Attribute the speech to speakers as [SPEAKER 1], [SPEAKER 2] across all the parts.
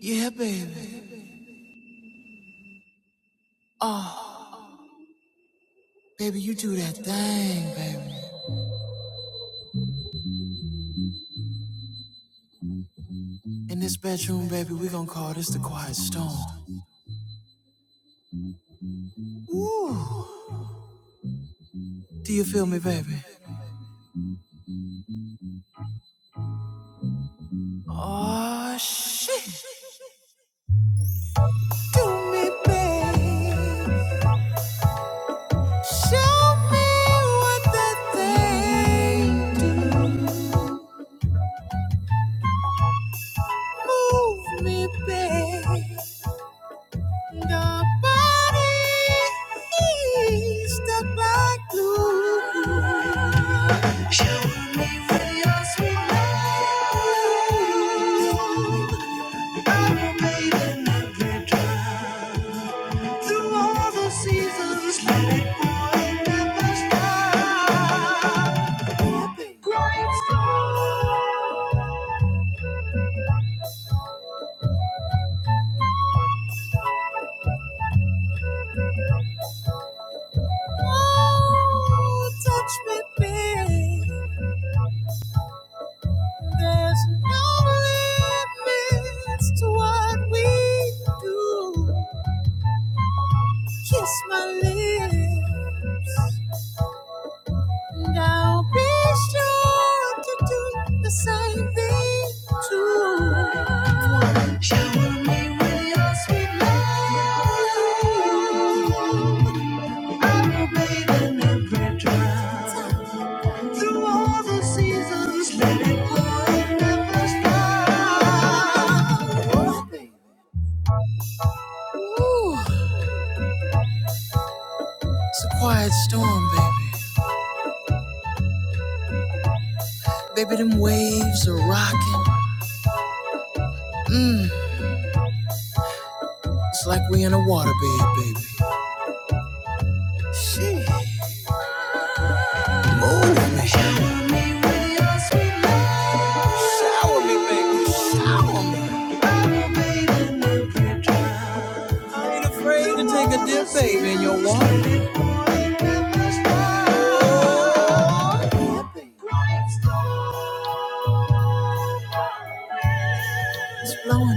[SPEAKER 1] Yeah, baby. Oh, baby, you do that thing, baby. In this bedroom, baby, we gonna call this the quiet storm. Woo! Do you feel me, baby? Oh, shit. Do me, baby. Show me what that thing do. Move me, baby. Nobody stuck like glue. Shower me with your sweet love. I'm a maiden of your Through all the seasons, let it pour and never stop. Growing strong. Oh, touch me, babe. There's no limits to what we do. Kiss my lips, and I'll be sure to do the same thing too. Shower me with your sweet love. Oh, it's a quiet storm, baby. Baby, them waves are rocking. It's like we in a waterbed, baby. Shit. Move me. Shower me with your sweet love. Shower me, baby. Shower me. I ain't afraid to take a dip, baby, in your water. It's blowing me.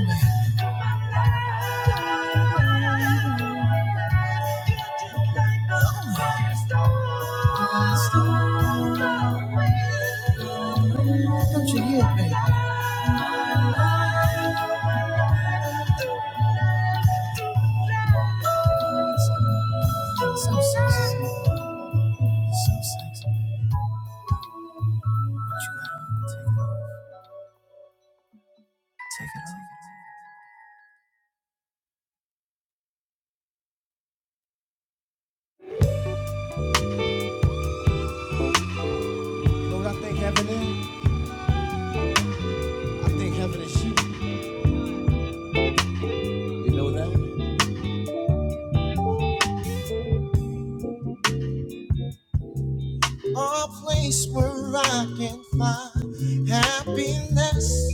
[SPEAKER 1] Don't you hear it, So sexy. So sexy. You know what I think heaven is? I think heaven is you. You know that? A place where I can find happiness.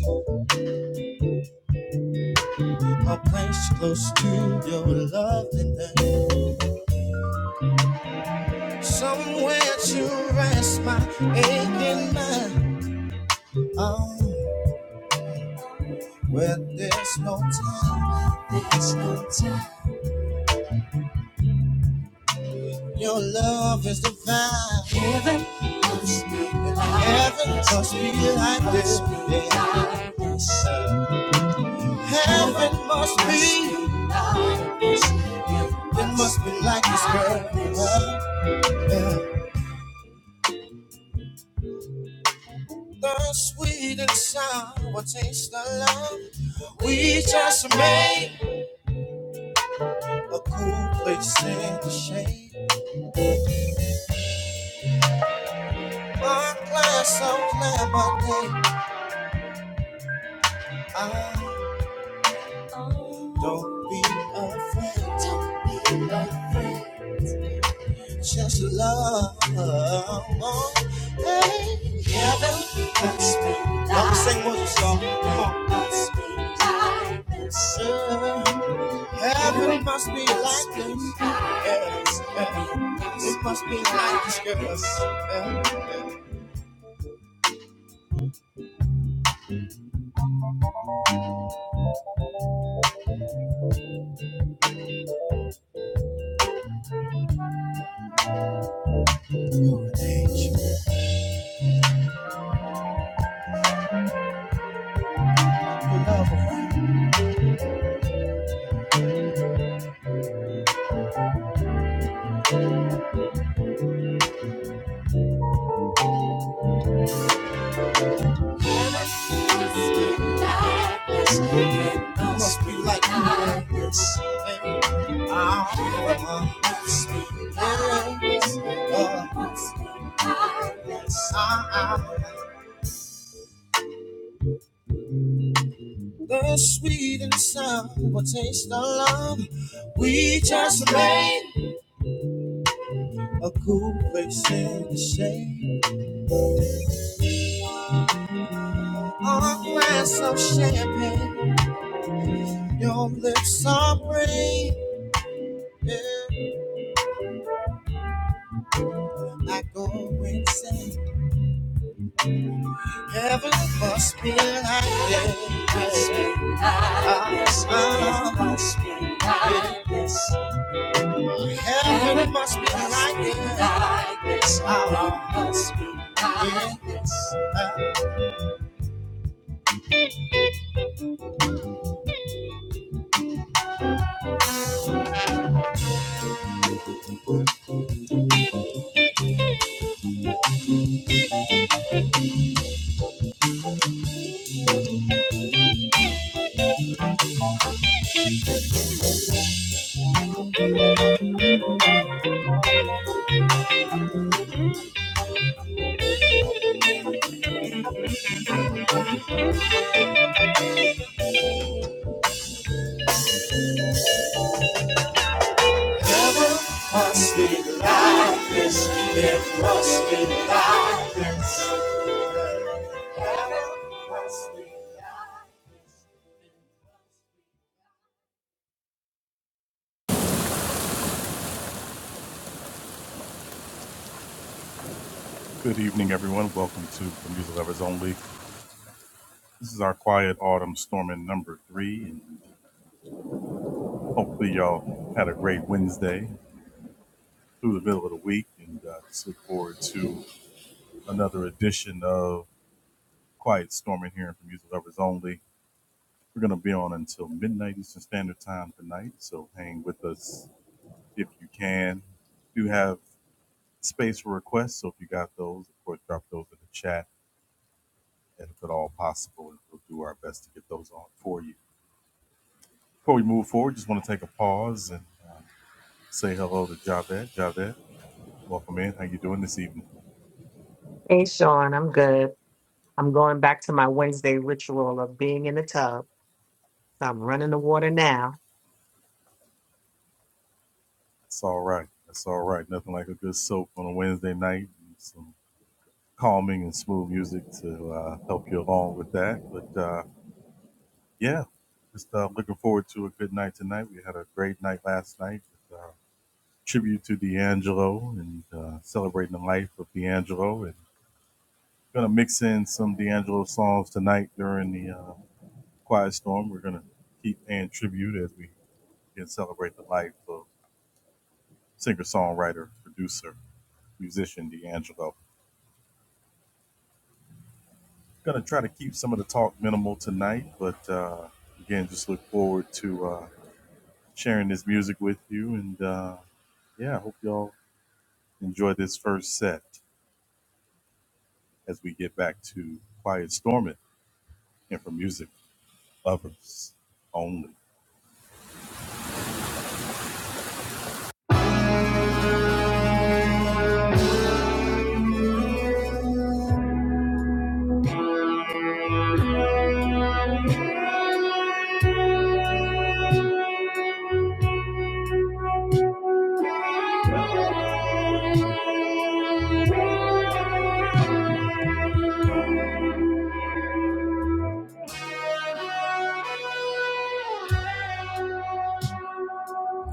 [SPEAKER 1] A place close to your loveliness. Somewhere to rest my aching mind. Oh, where there's no time. There's no time. Your love is divine. Heaven must be like Heaven must be like this. like Heaven must be. like this. It must be like this, girl. Yeah. The sweet and sour taste of love. We just made a cool place in the shade. My glass of lemonade. I Don't be afraid. Don't be afraid. Just love. Hey, heaven lets me Y'all sing with us, y'all. Come on. Lets me Heaven must be like this. Yes, yes. It must be like this, girls. Yes, yes. You're an angel. You're lovable. It Must be like this. Ah, must be like this. Ah, ah. The sweet and sour taste of love. We just made a cool place in the shade. A glass of champagne. Your lips are pretty. Yeah. I go insane. Heaven must be like this. Heaven must be like this. Heaven must be like this. Like this. Uh, must be like this. Heaven must be like this. It must be like this.
[SPEAKER 2] Hey, Sean, I'm good. I'm going back to my Wednesday ritual of being in the tub. so I'm running the water now.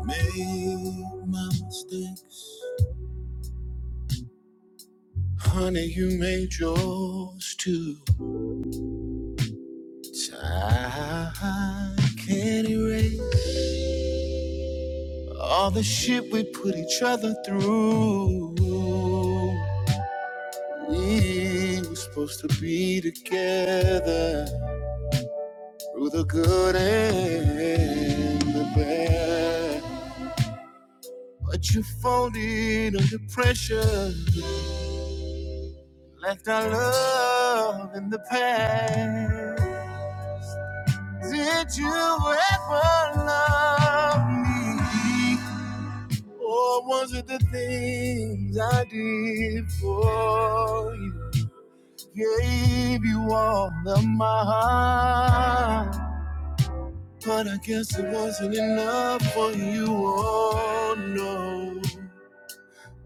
[SPEAKER 1] Made my mistakes. Honey, you made yours too. Time can't erase all the shit we put each other through. We were supposed to be together through the good and the bad. But you folded under pressure, left our love in the past. Did you ever love me? Or was it the things I did for you? Gave you all of my heart, but I guess it wasn't enough for you. Oh no,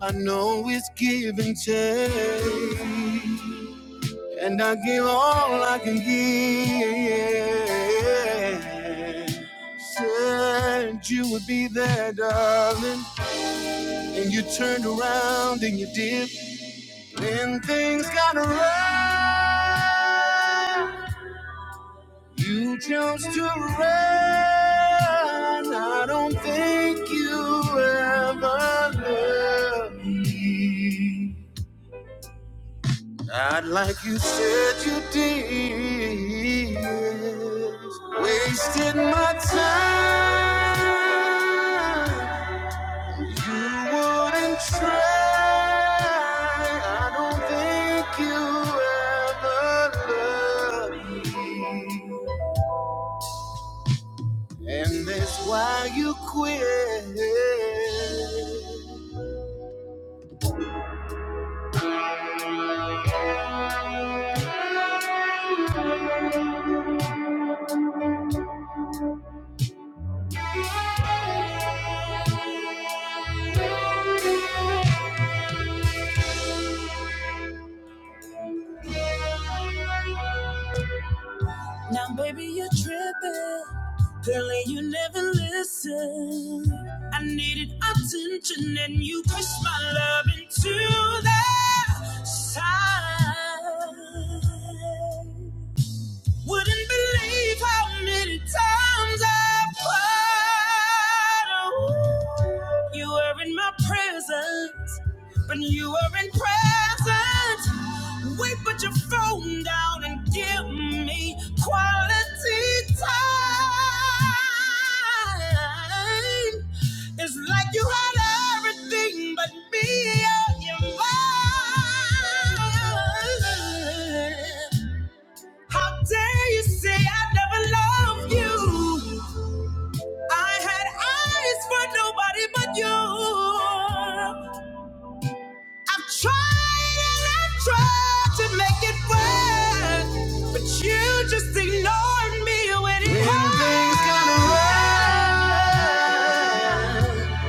[SPEAKER 1] I know it's give and take. And I give all I can give. Said you would be there, darling. And you turned around and you did. Then things got rough. You chose to run. I don't think you ever loved me. Not like you said you did. Wasted my time. You wouldn't try. I don't think you ever loved. me. And that's why you quit. Now, baby, you're tripping. Apparently you never listened. I needed attention and you pushed my love into the side. Wouldn't believe how many times I've cried. Oh, you were in my presence, but you were in presence. Wait, put your phone down and give me quality time. It's like you had everything but me on your mind. How dare you say I never loved you? I had eyes for nobody but you. I've tried and I've tried to make it work, but you just ignored me when it when hurt. things got rough,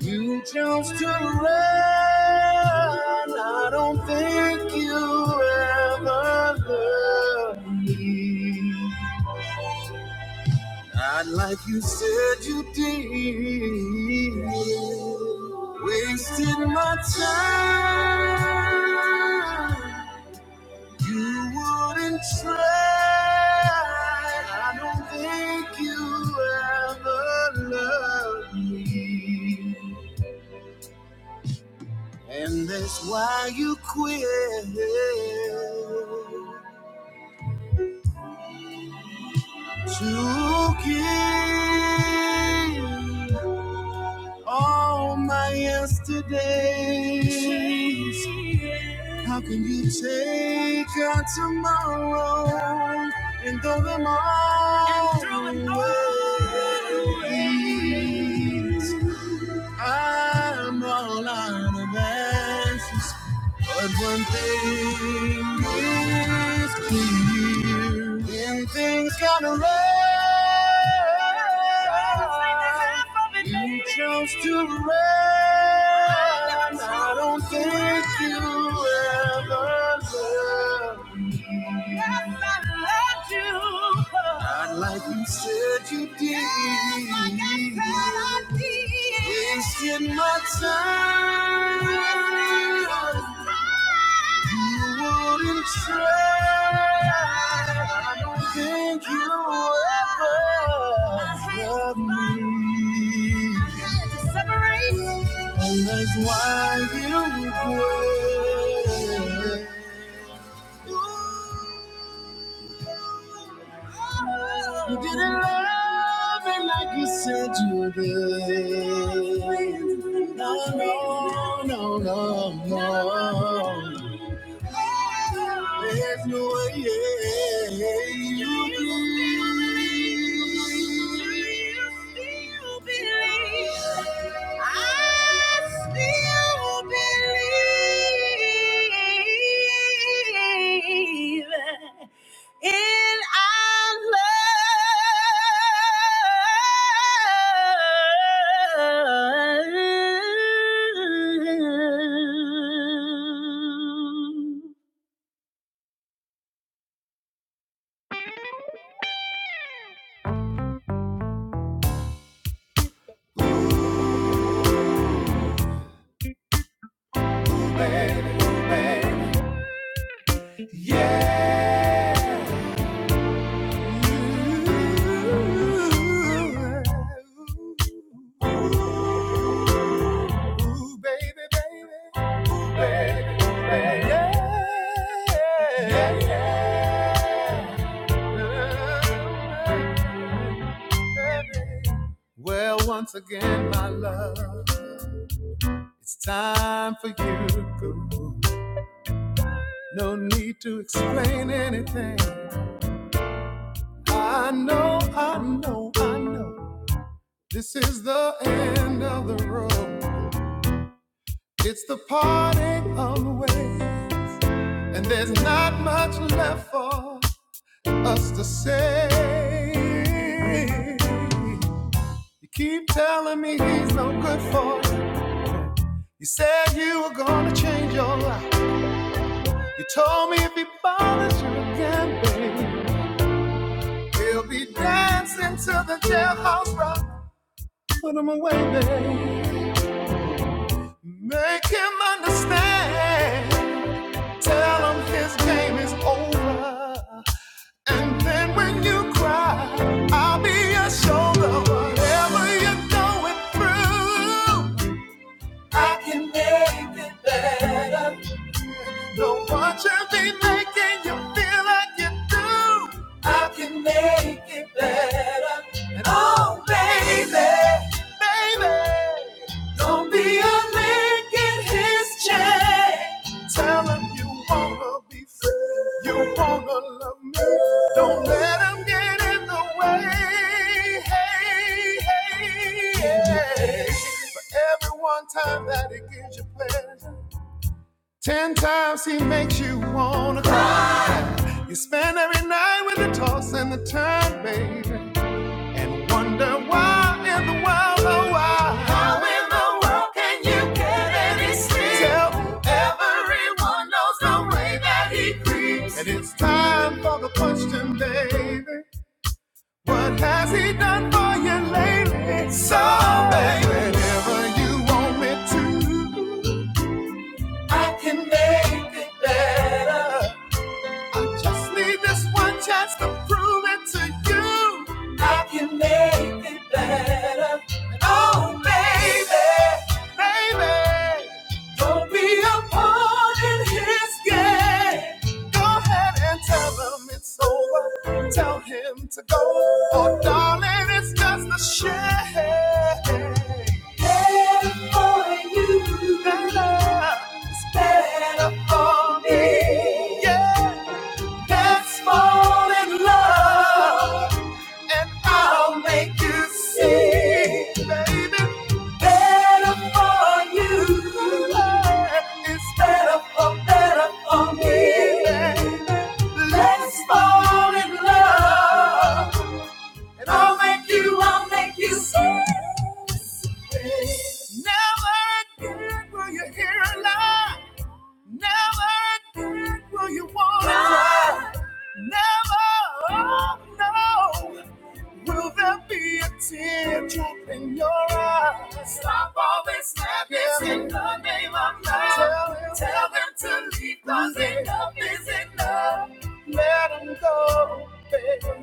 [SPEAKER 1] you chose to run. I don't think you ever loved me. Not like you said you did. Wasted my time. You wouldn't try. I don't think you ever loved me. And that's why you quit to give. All my yesterdays. How can you take a tomorrow and throw them all And throw them all away. I'm all out of answers. But one thing is clear when things got around, you chose to run. I don't think you ever loved me. Yes, I loved you. Not like you said you did. Yes, like I said I did. Wasting my time you wouldn't try. I don't think you ever love me. I had to separate. And that's why you quit. You didn't love me like you said you did. No, no, no, no, no. There's no way you please. Still believe. I still believe. In our love. Once again, my love. Time for go. No need to explain anything. I know, I know, I know. This is the end of the road. It's the parting of the way. And there's not much left for us to say. You keep telling me he's no good for you. You said you were gonna change your life. You told me if he bothers you again, baby. We'll be dancing to the jailhouse rock. Put him away, baby. Make him understand. You behave every one time that he gives you pleasure. Ten times he makes you wanna cry. You spend every night with the toss and the turn, baby. Wonder why in the world, oh why? How in the world can you get any sleep? Tell everyone knows the way that he creeps. And it's time for the question, baby. What has he done for you lately? So, baby, whenever you want me to, I just need this one chance to prove it to you. I can make it better. Oh, baby, baby, be a It's good. Go ahead and tell him it's over. Tell him to go. Oh, darling, it's just a shame. Better for you. Better. Better for me. Yeah. Let's fall in love. I'll make you see. better for you. It's better for better for me. Let's fall in love, and I'll make you, I'll make you say. Never again will you hear a lie. Never again will you want to. Never, oh no. Will there be a teardrop in your eyes? Stop all this madness in the name of love. Tell, him- tell them to leave, cause enough is enough. Let them go, baby.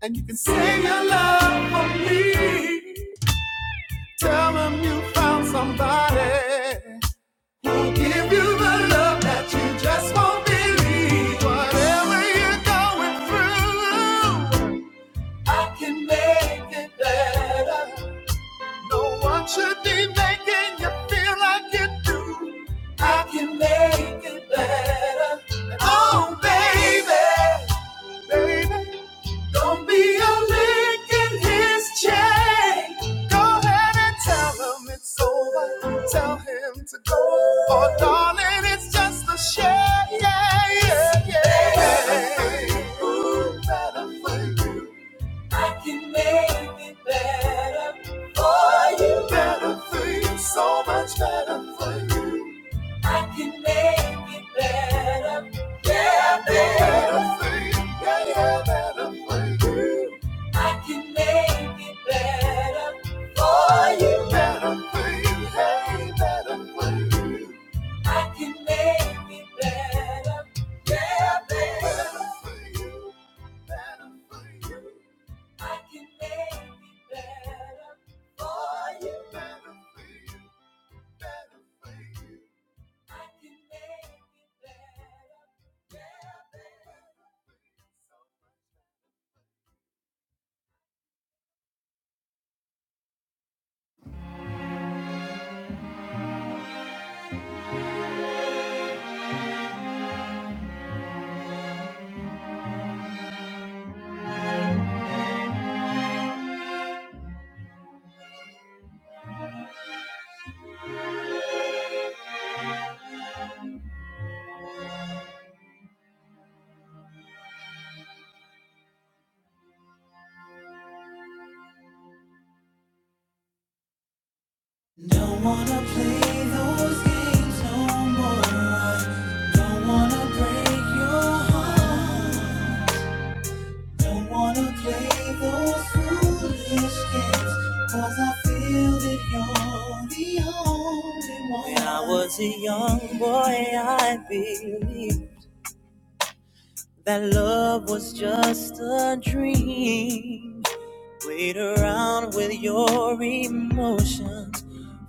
[SPEAKER 1] And you can say your love for me. Tell them you found somebody who'll give you the love that you just won't believe. Whatever you're going through, I can make it better. No one should be making you feel like you do. I can make it better. Oh, baby, baby, don't be a lick in his chain. Go ahead and tell him it's over. Tell him to go. Oh, darling, it's just a shame. Yeah, yeah, yeah. Better for you, better for you. I can make it better for you. Better for you, so much better for you. I can make it better, yeah, better for you, yeah, yeah, better for you. I can make it better for you. Better for you, hey, better for you. I can make it better, yeah, better for you, better for you. I can make it better for you. Better for you, better for you. I can make it better, yeah, better. Don't wanna break your heart. Don't wanna play those foolish games. Cause I feel that you're the only one. When I was a young boy, I believed that love was just a dream. Played around with your emotions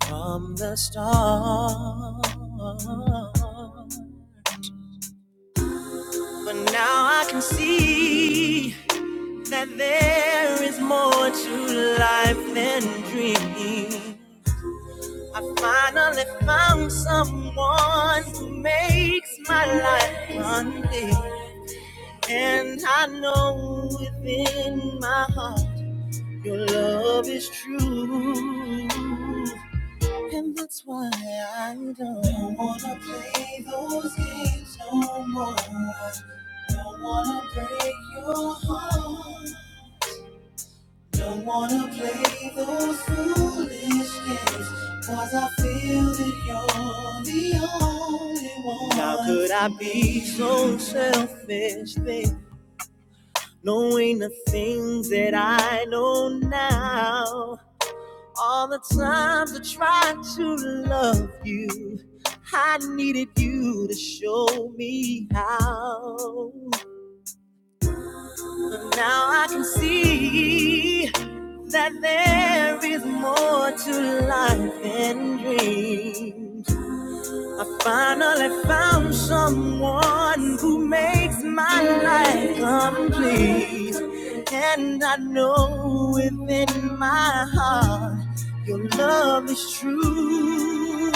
[SPEAKER 1] from the start. But now I can see that there is more to life than dreaming. I finally found someone who makes my life run big. And I know within my heart your love is true. And that's why I don't don't wanna play those games no more. I don't wanna break your heart. Don't wanna play those foolish games, 'cause I feel that you're the only one. How could I be so selfish, think, knowing the things that I know now? All the times I tried to love you, I needed you to show me how. But now I can see that there is more to life than dreams. I finally found someone who makes my life complete. And I know within my heart your love is true.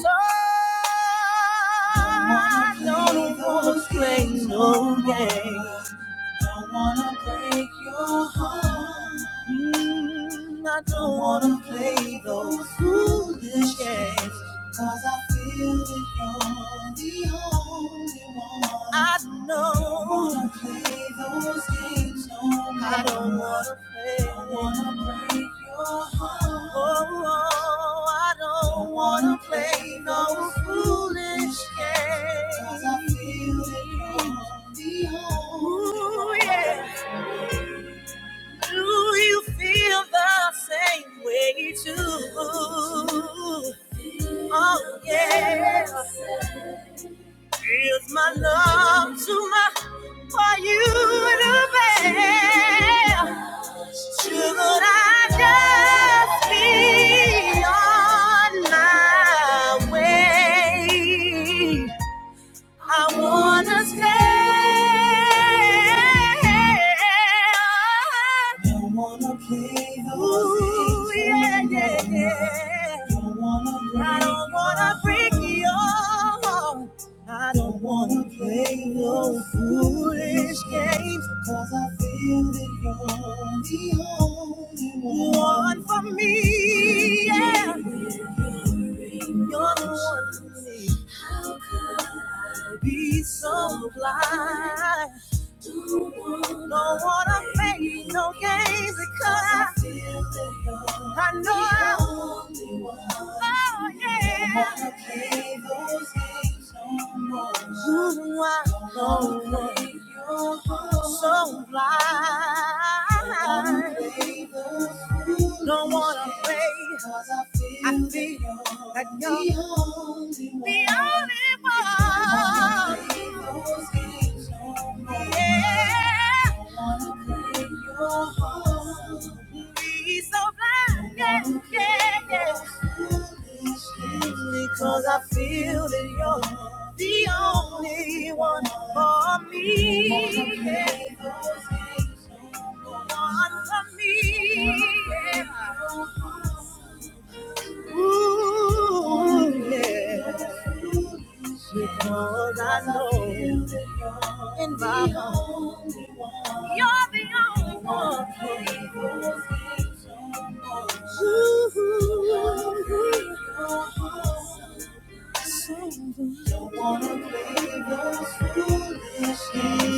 [SPEAKER 1] So I don't wanna play no games. Don't wanna break your heart. Mm, I don't wanna play those foolish games. 'Cause I feel that you're the only one. I know. Don't wanna play those games no more. I don't wanna play. Don't wanna break your heart. Oh, oh, I don't don't wanna wanna play no foolish games. 'Cause I feel that you're the Ooh, yeah. Do you feel the same way too? Oh yeah. Is my love too much for you to bear? Should I just be on my way? I wanna stay. Don't wanna play those Ooh, games Ooh, yeah, yeah, yeah. Don't wanna break. I don't wanna break your heart. I don't wanna play those foolish games. Cause I feel that you're the only one. One for me, yeah. You're the one for me could I be so blind? No to play no games, because I know I Oh yeah. Ooh, I know so blind. Don't wanna play. I feel that you're the only one. Yeah. He's so blind. Yeah, yeah, yeah. Because I feel that you're the only one for me. Yeah. One for me. Yeah. Ooh, yeah. Because I know in my heart you're the only one for me.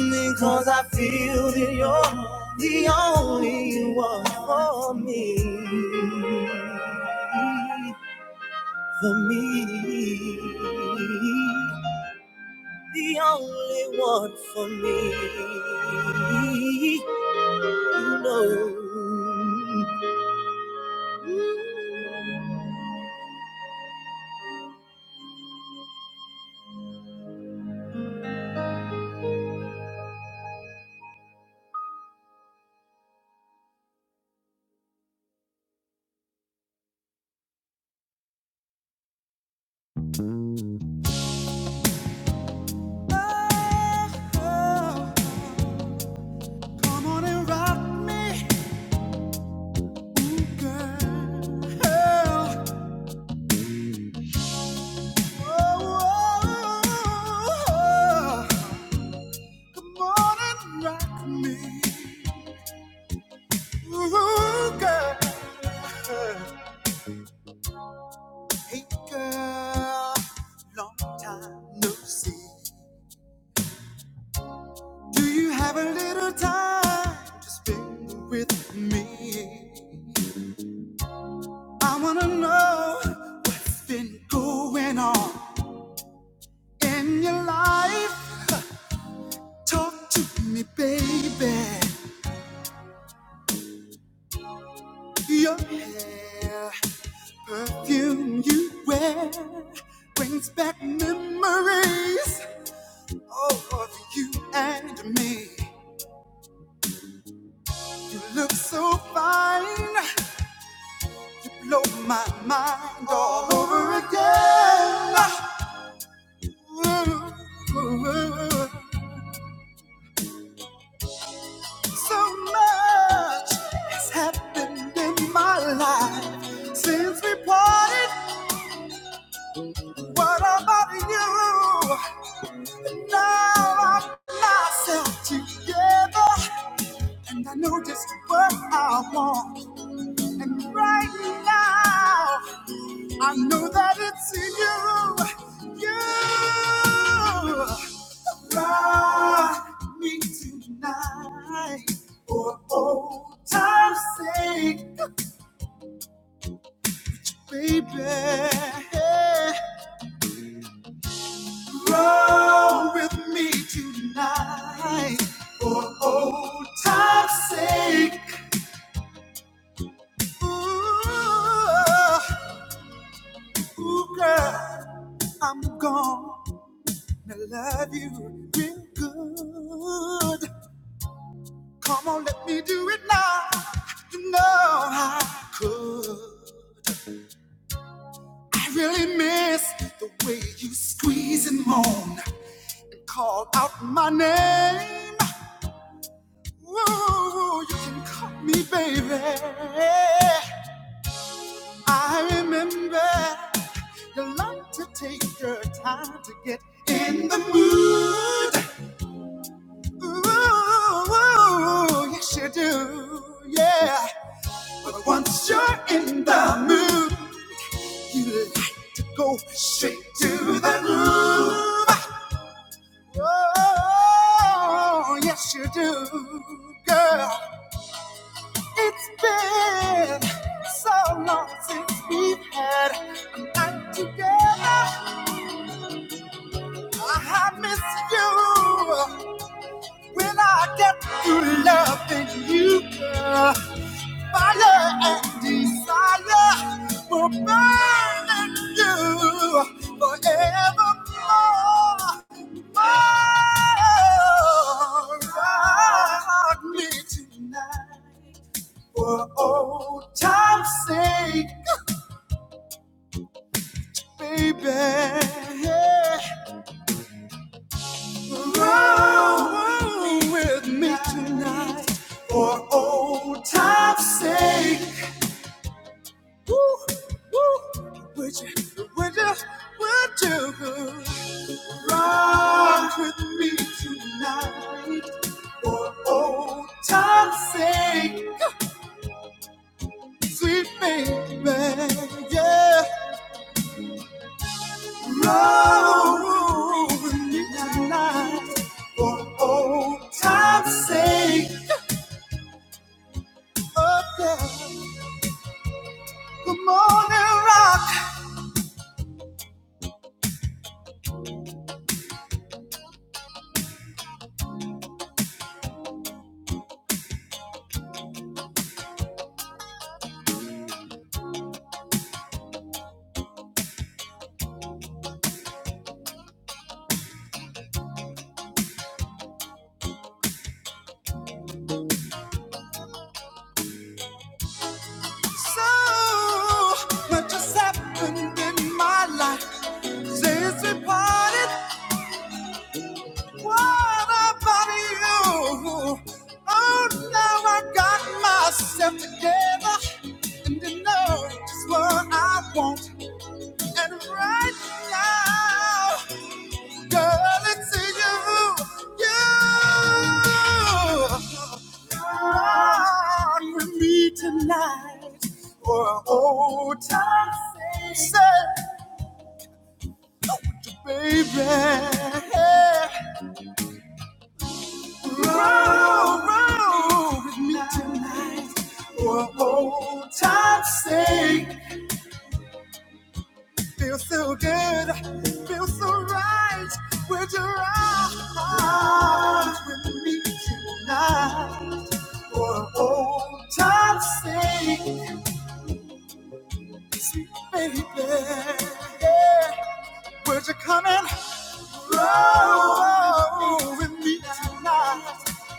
[SPEAKER 1] Because I feel that you're the only one for me. only one for me. You know, been with me. I wanna know what's been going on in your life. Talk to me, baby. Your hair, perfume you wear, brings back memories. Oh, of you and me. You look so fine. blow my mind all over again. So much has happened in my life since we parted. What about you? How I myself together for just what I want right now. I know that it's you, you. I need tonight. Roll with me tonight for old time's sake. Ooh, ooh, girl, I'm gonna love you real good. Come on, let me do it now. You know I could. I really miss the way you squeeze and moan and call out my name. Whoa, you can call me baby. I remember you like to take your time to get in the mood. Ooh, yes you do, yeah. But once you're in the mood, you like to go straight to the groove. Oh, yes you do, girl. It's been so long since we've had a night together. I miss you when I get through loving you, girl. Fire and desire will burn in you forevermore. Oh, rock me tonight for old time's sake. Baby, yeah. roll with me tonight for old time's sake. Woo, woo. Would you, would you, would you roll with me tonight for old time's sake? Sweet baby, yeah. Roll with me tonight for old time's sake. up there. The morning rock. So much has happened in my life since we parted. What about you? Oh, now I got myself together and you know just what I want. And right now, girl, it's you, you. Run with me tonight. for a old time's sake. baby, yeah, roll, roll with me tonight for a old time's sake. Feels so good, feels so right. Would you ride with me tonight for a old time's sake, sweet baby? Would you come in? Roll with me tonight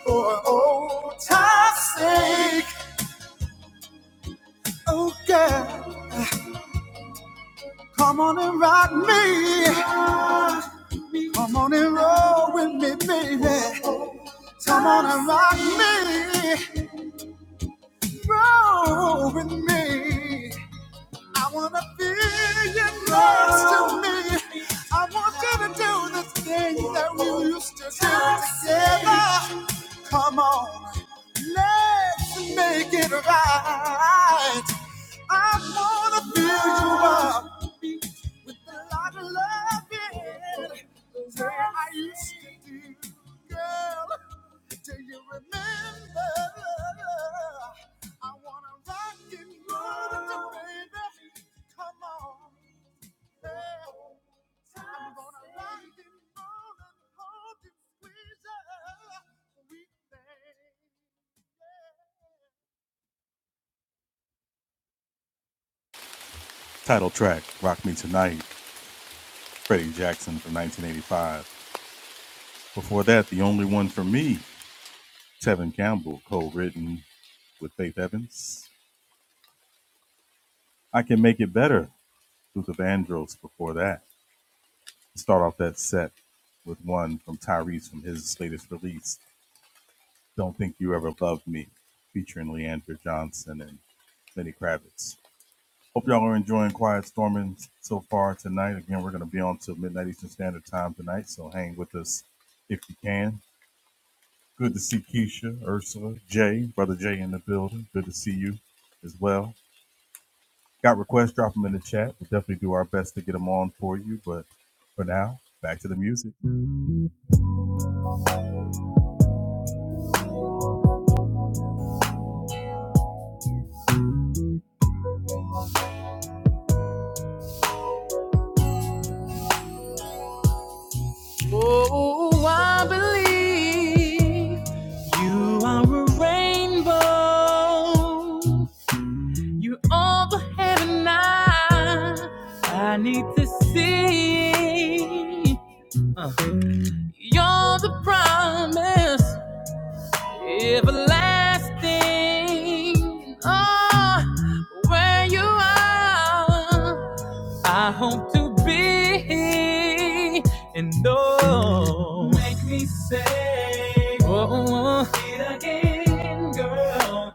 [SPEAKER 1] for old time's sake. Oh, girl, come on and rock me. Come on and roll with me, baby. Come on and rock me. Roll with me. I wanna feel you next to me. I want you to do the things that we used to do together. Come on. Let's make it right. I wanna fill you up with a lot of loving, the way I used to do, girl. Do you remember? I wanna rock and roll with you, baby. Come on, girl. I'm gonna rock and roll and hold you, squeeze you. Sweet thing. Oh, I believe you are a rainbow. You're all the heaven I, I need to see. Uh, You're the promise everlasting. Oh, where you are, I hope to be and know. Make me say, oh, oh. it again, girl.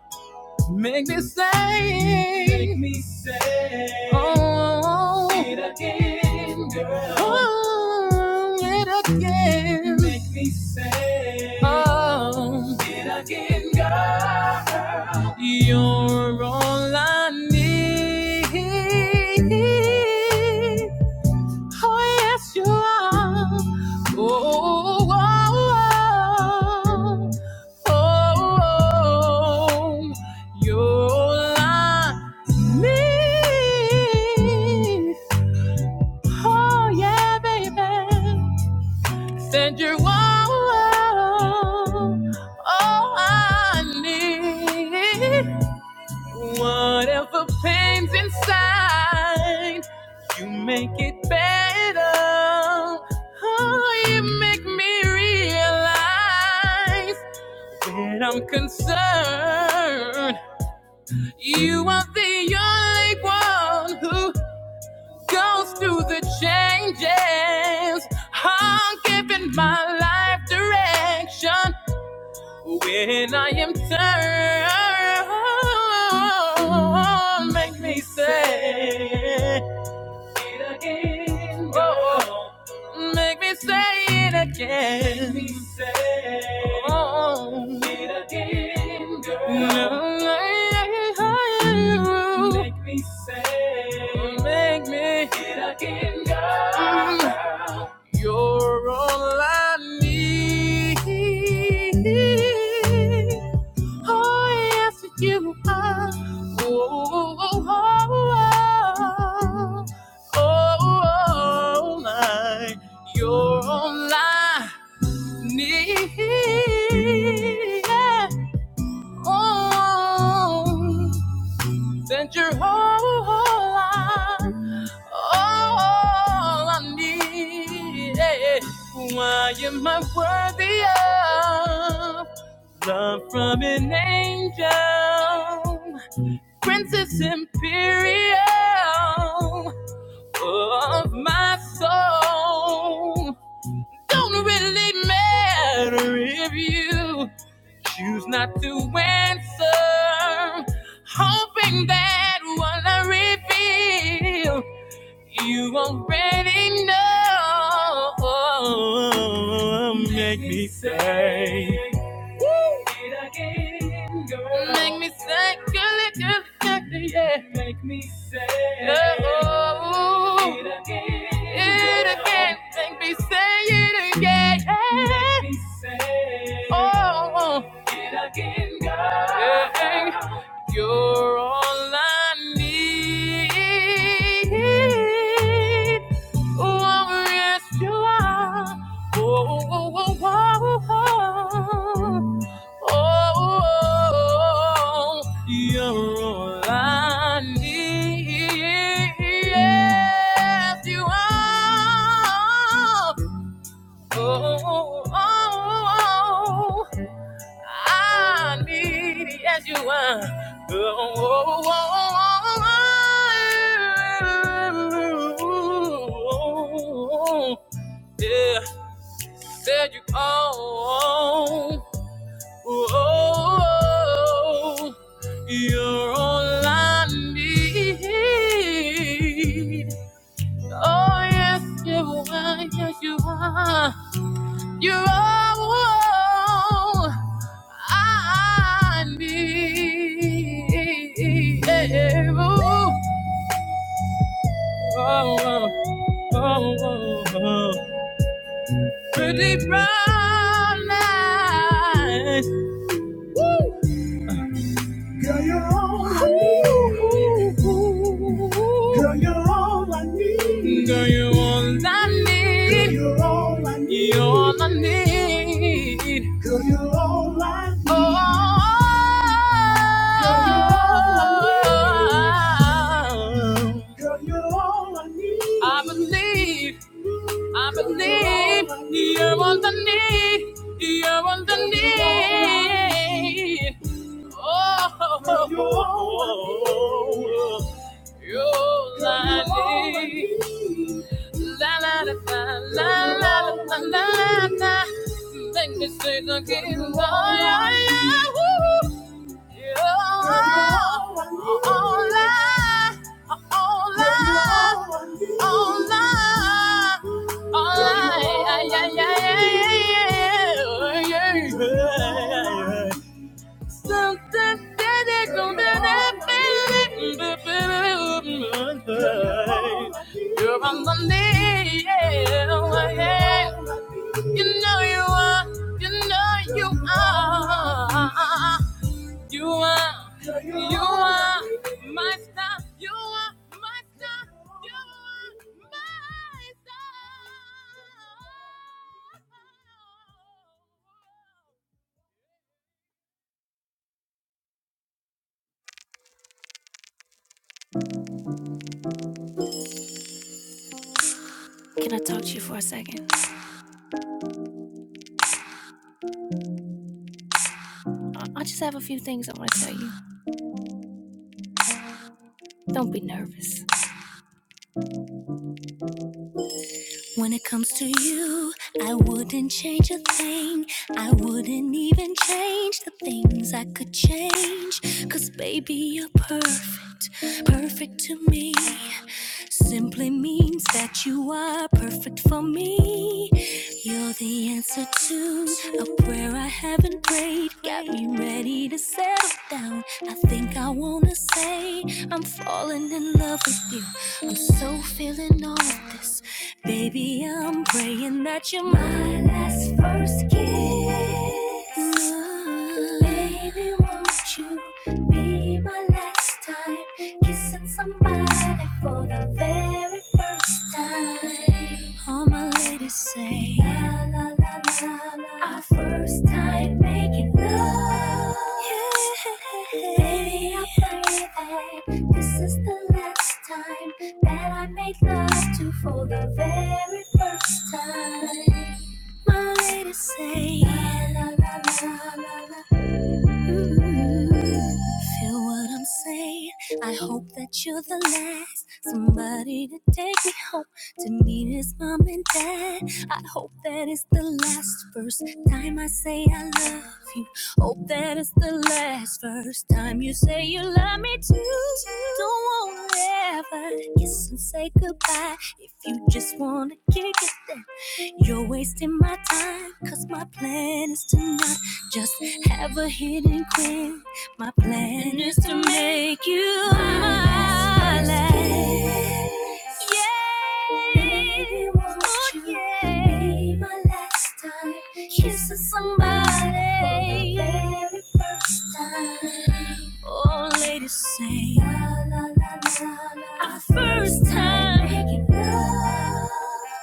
[SPEAKER 1] Make me say, make me say, oh, it again, girl. Oh, it again. Make me say, oh, it again, girl. You're all I need. Oh, yes, you are. Oh, oh, oh, oh, oh, you're like me. Oh, yeah, baby. Said you're all, oh, I need. Whatever pain's inside, you make it better. Oh, you make me realize that I'm concerned. You are the only one who goes through the changes. I'm giving my life direction. When I am turned, make me say it again. Oh, oh. Make me say it again. Make me say oh, oh. it again, girl. No, I, I, I, you. Make me say Make me it again, girl. Mm. You're all I need. Oh, yes, you are. Oh, oh, oh, oh, oh, oh my. You're all I need. Yeah. Oh, Send your whole, whole life, all I need. Why am I worthy of love from an angel, princess imperial of my soul? Don't really matter if you choose not to answer, hoping that what I reveal, you already know. Make me say it again, girl. Make me say, girl, it just yeah. Make me say oh, it again, it again. Make me say it again. Make me say, oh it again, God. Yeah, You're all I need. Oh, yes, you are. Oh, oh, oh, oh, oh, oh, oh, you're all I need. Yes, you are. Oh, oh, oh, oh. I need yes you are. Oh, oh, oh, oh, oh, oh, oh. Yeah, said you oh, oh, oh, oh. you're all I need. Oh yes, you are, yes you are. You're all I need. Oh, oh, oh, oh, oh. Pretty brown eyes. Girl, you're Girl, you're all I need. You're all I need. Oh. I believe, I believe you're on the knee, you're on the knee. Oh, you're on the knee. La la la la la la la la la. Let me say it again, oh yeah yeah. You are all I, all I, all I, all I, yeah, yeah, yeah, yeah, yeah. Something that ain't gonna happen. You're on my knee, yeah, yeah. You know you are, you know you are. You are, you are my star. You are my star. You are my star. Can I talk to you for a second? I just have a few things I want to tell you. Don't be nervous. When it comes to you, I wouldn't change a thing. I wouldn't even change the things I could change. Cause baby, you're perfect, perfect to me. Simply means that you are perfect for me. You're the answer to a prayer I haven't prayed. Got me ready to settle down. I think I wanna say I'm falling in love with you. I'm so feeling all of this. Baby, I'm praying that you're my last first kiss. Ooh, Baby, won't you be my last time? Kissing somebody for the very first time. All my ladies say, la la la la our first time making love. Yeah. Baby, I pray that this is the last time that I made love to for the very first time. My way to say, la, la, la, la, la, Feel what I'm saying? I hope that you're the last somebody to take me home to meet his mom and dad. I hope that it's the last first time I say I love you. Hope that it's the last first time you say you love me too. Don't want to ever kiss and say goodbye. If you just want to kick it, then you're wasting my time. Cause my plan is to not just have a hidden queen. My plan is to make you my last. Yeah. Oh, you yeah. Be my last time kissing somebody. For the very first time. Oh, ladies say, la, la, la, la, la. Our first time making love.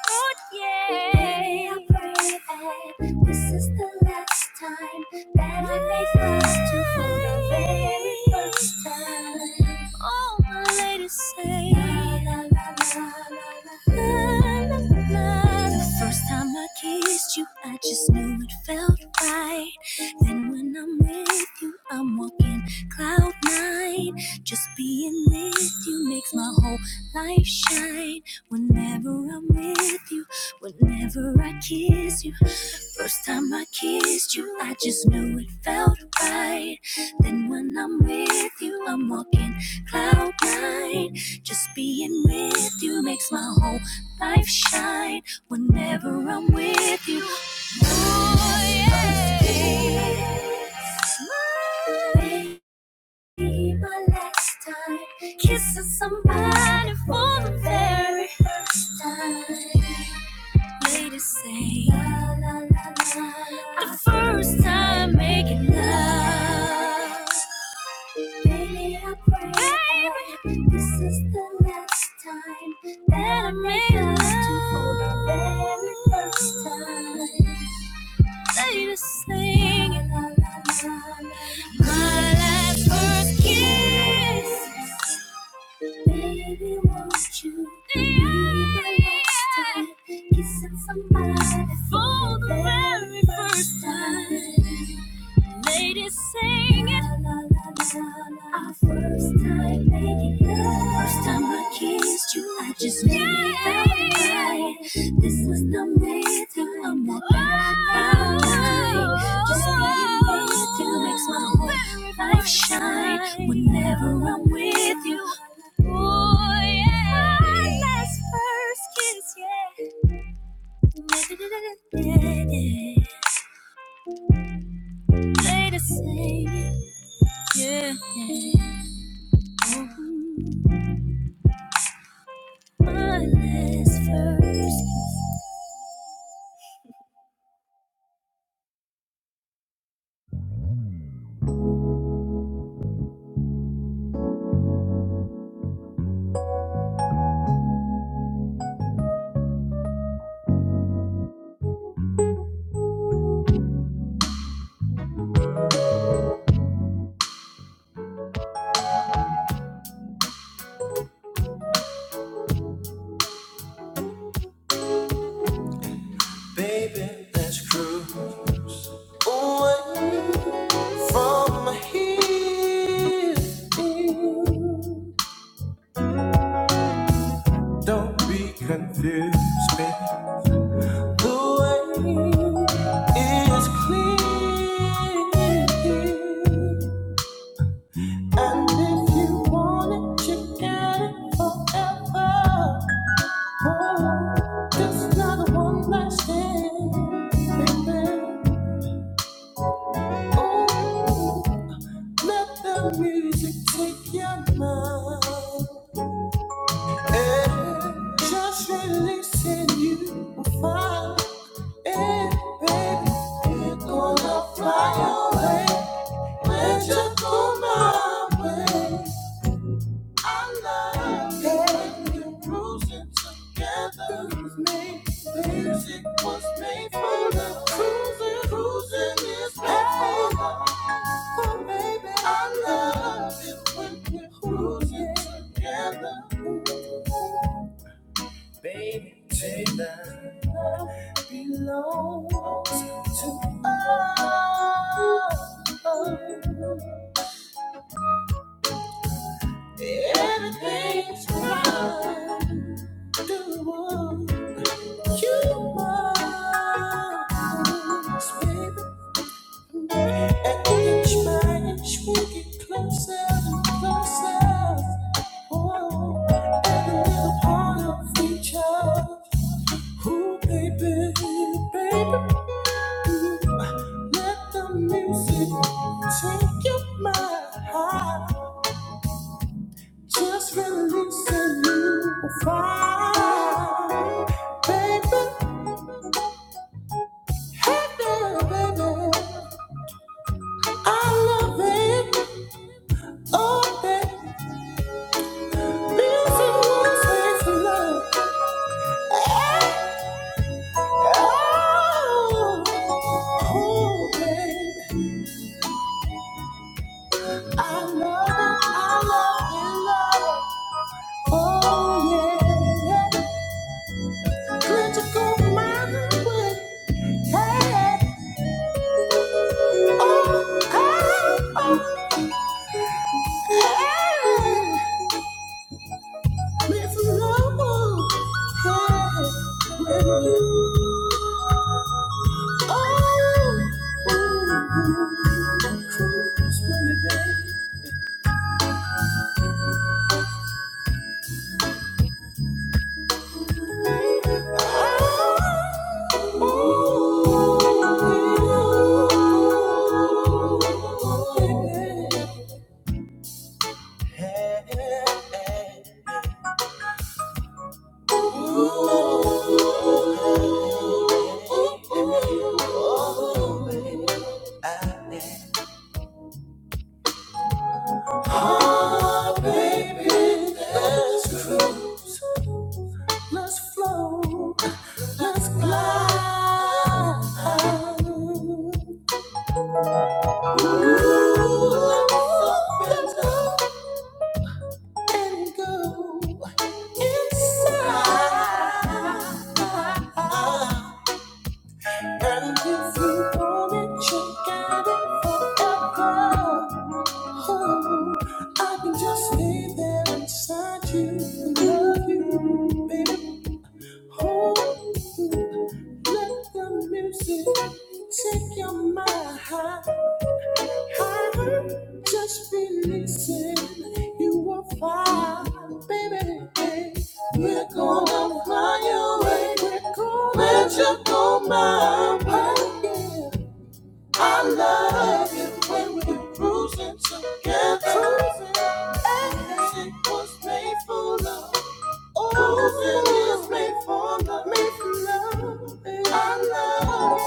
[SPEAKER 1] Oh, yeah. Baby, I pray that this is the last time that I make love to you for the very first time all the ladies say. The first time I kissed you, I just knew it felt right. Then when I'm with you, I'm walking cloud nine. Just being with you makes my whole life shine. Whenever I'm with you, whenever I kiss you, First time I kissed you, I just knew it felt right. Then when I'm with you, I'm walking cloud nine. Just being with you makes my whole life shine whenever I'm with you. Oh, yeah. This might Be my last time kissing somebody for the very first time. Ladies say la la la la. The first time making love. Baby, I pray, I pray this is the last time that I made us two for the very first time. Say the same. La, la, la, la. My last first kiss. Baby, won't you be the last time? Kissing somebody for the very first time. Ladies sing it. Our first time making love. First time I kissed you, I just made it out. This was the minute till I'm not gonna die. Just being with you makes my whole life shine. Whenever I'm with you. Oh yeah. Our last first kiss, yeah. Ladies sing it, yeah. Baby, let's cruise away from here. Don't be confused, The way is clear. And if you want it, you get it forever. Just not one last thing, baby. Let the music take your mind. Just releasing you will find it, baby. You're gonna fly away. when you go my way. I love it. You're cruising together with me. Music was made for the cruising. Cruising is made for love. Oh, baby, I love it when we're cruising together. Baby, take my love belongs. Inch by inch, we get closer and closer. I feel a part of who, baby, baby. Let the music take your mind Just release a new fire, baby. Hey, girl, baby, I love it. Oh, baby, music will take the love. Oh, babe, I love it, I love it, love it. Oh, yeah. Critical mind with head. Oh, oh, oh. It's love, yeah. Oh, ooh, ooh, ooh. Swim it, babe. Oh, ooh, ooh, ooh. and go inside. And if you want it, you got it forever. Oh, I can just stay there inside you and love you, baby. Oh, let the music take your mind. I've just releasing. You are fine, baby. We're gonna fly away. We're gonna let you go my way. I love it when we're cruising together. Music was made for love. Cruising is made for love. Made for love. I love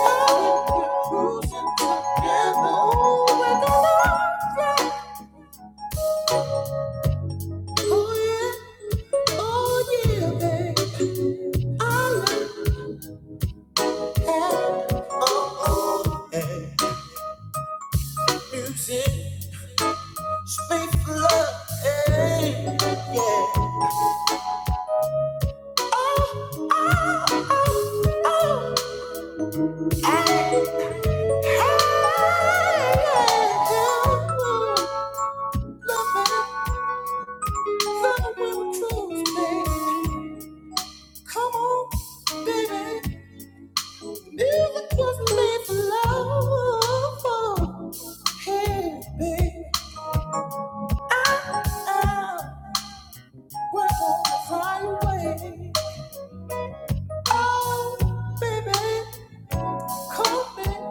[SPEAKER 1] it when we're cruising together. Oh, Oh, yeah. Oh yeah, babe. I love it. Oh, oh, eh. Music, is made for love, Yeah. Come on, baby, call me.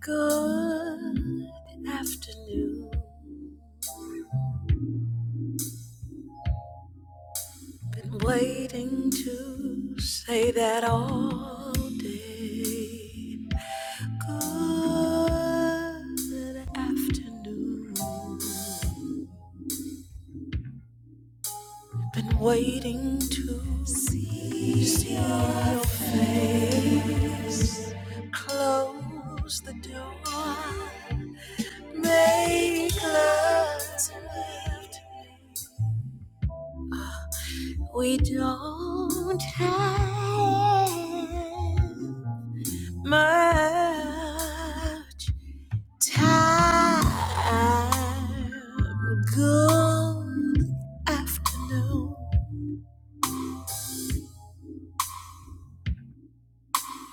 [SPEAKER 1] Good afternoon. Been waiting to say that all day. Good afternoon. Been Good afternoon.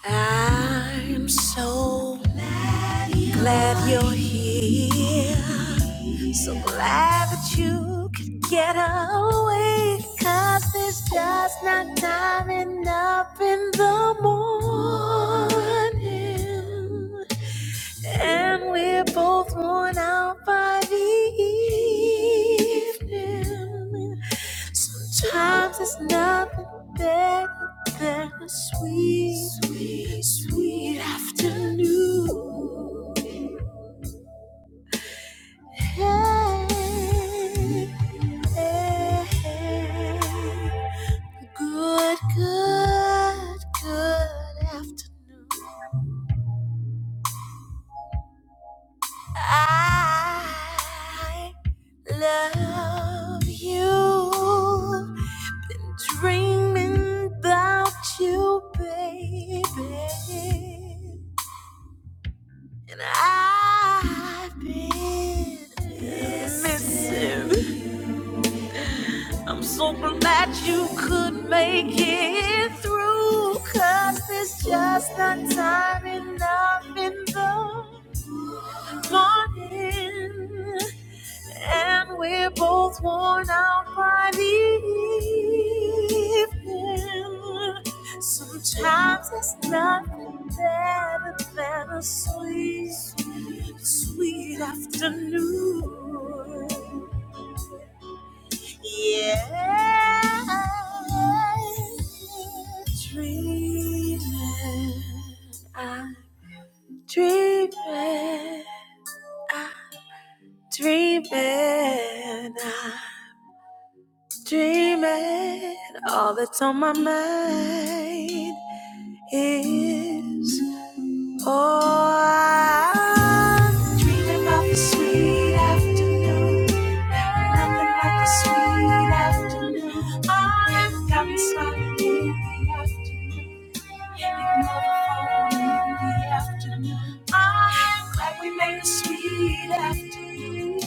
[SPEAKER 1] I'm so glad you're here. So glad that you could get away. 'Cause there's just not time enough in the morning. And we're both worn out by the evening. Sometimes there's nothing better than a sweet, sweet, sweet afternoon. Good, good afternoon. I love you. Dreaming about you, baby. And I've been missing. I'm so glad you could make it through 'cause there's just not time enough in the morning. And we're both worn out by the evening. Sometimes there's nothing better than a sweet Sweet afternoon. Yeah. Dreaming. I'm dreaming. Dreaming. I'm dreaming. All that's on my mind. is. Oh, I dream about the sweet afternoon. Nothing like a sweet afternoon. I've got me smiling in the afternoon. I'm glad we made a sweet afternoon.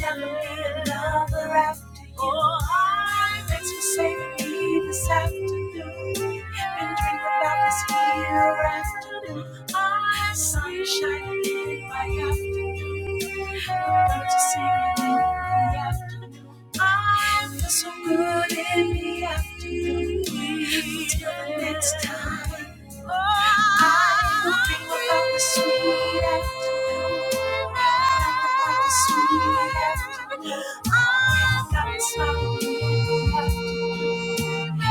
[SPEAKER 1] Never be another after you. Oh, I thanks for saving me this afternoon. And dream about this here afternoon. I'm sun shining in my afternoon. The birds are singing in the afternoon. I feel so good in the afternoon. Until the next time, oh, I will think about the sweet afternoon. About the sweet afternoon. I got a smile in the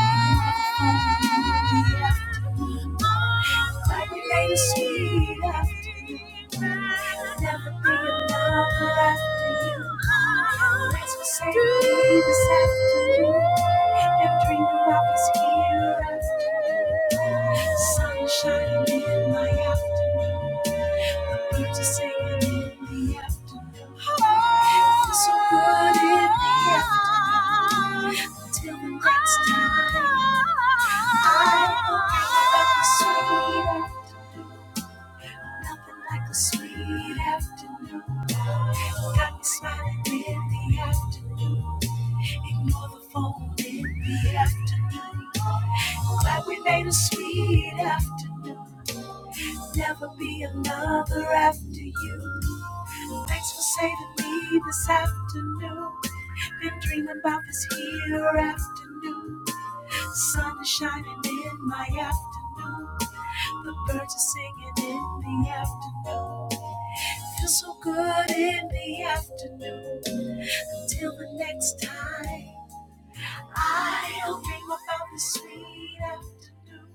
[SPEAKER 1] afternoon. Oh, like sweet afternoon. Sunshine in my afternoon, I'm here to sing it in the afternoon. Feels so good in the afternoon. Till the next time, I hope you have sweet Nothing like a sweet afternoon. Got me smiling in the afternoon. Ignore the phone in the afternoon. Glad we made a sweet afternoon. Never be another after you. Thanks for saving me this afternoon. Been dreaming about this here afternoon. Sun is shining in my afternoon. The birds are singing in the afternoon. Feel so good in the afternoon. Till the next time, I'll dream about the sweet afternoon.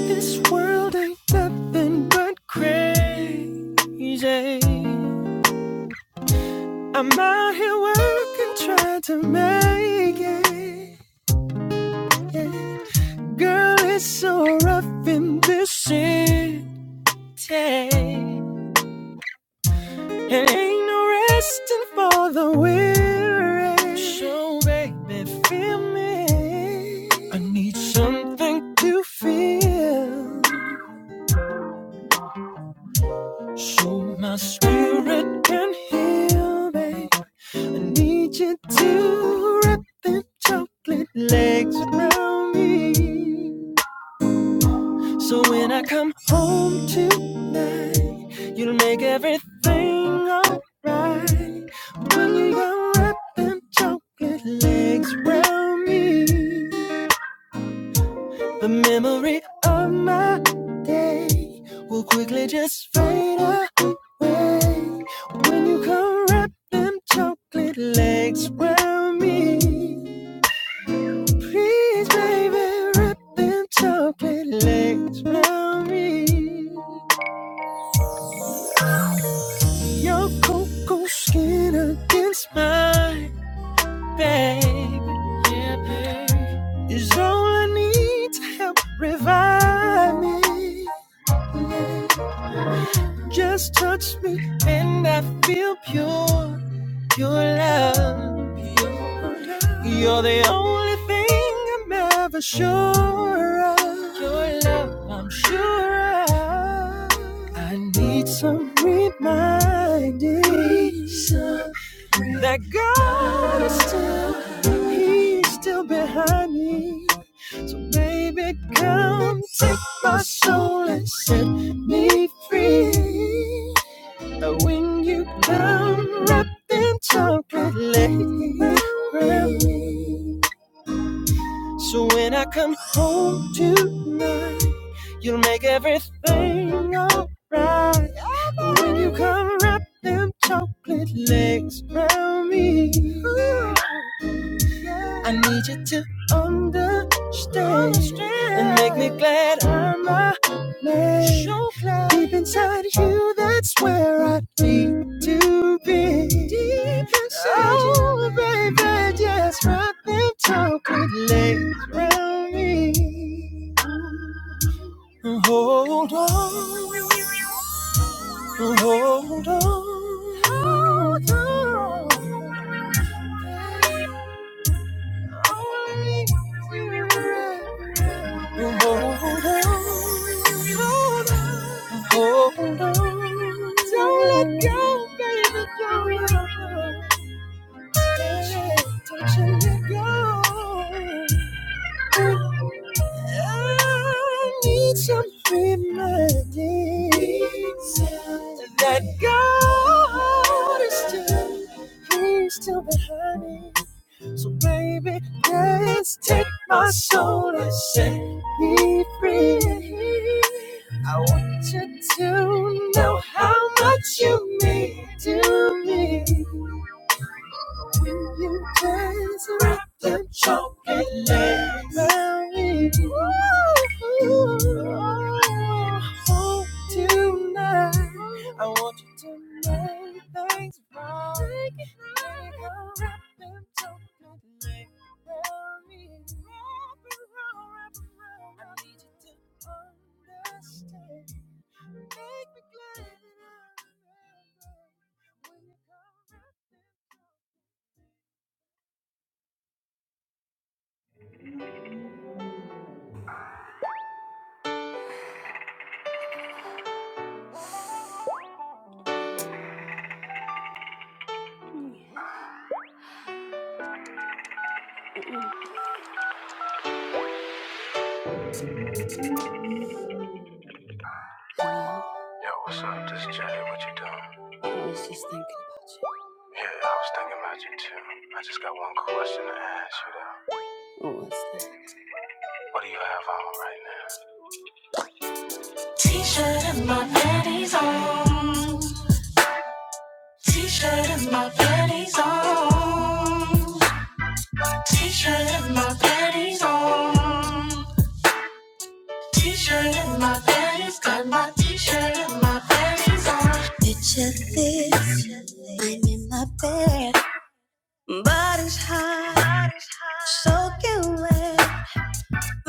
[SPEAKER 1] This world ain't nothing but crazy. I'm out here working, trying to make it. Girl, it's so rough in this city. It ain't no resting for the weary. So baby, feel me. I need something to feel. So my spirit can heal, babe. I need you to wrap them chocolate legs around me. So when I come home tonight, you'll make everything alright. When you young rap and choke me, the memory of my day will quickly just fade away. When you come wrap them chocolate legs round me, please, baby, wrap them chocolate legs round me. Your cocoa skin against mine. babe. Yeah, babe. Is all I need to help revive me. Just touch me and I feel pure, pure love. You're the only thing I'm ever sure of. Your love, I'm sure of. I need some reminding need some reminding that God is still, He's still behind me. So baby, come take my soul and set me free. So when you come wrapped in chocolate lace. So when I come home tonight, you'll make everything alright. When you come wrapped in chocolate legs around me. I need you to understand and make me glad I'm a man. So Deep inside you, that's where I need to be. Deep inside oh, you. baby, just rock and talk with legs. Hold on. Only you Hold on. Don't let go, baby. Don't let go. Don't you let go. I need some reminding that God is still, He's still behind me. So baby, just take my soul and set me free. I want you to know how much you mean to me. When you dance with the chocolate lady, oh, tonight, I want you to make things right. Wrap them chocolate legs around lady. I need you to understand. Make me glad. Yo, what's up? This is Jay. What you doing? Yeah, I was thinking about you too. I just got one question to ask you though. What do you have on right now? T-shirt and my panties on. T-shirt and my panties on. T-shirt and my panties on. To this, I'm in my bed. Body's hot, soaking wet.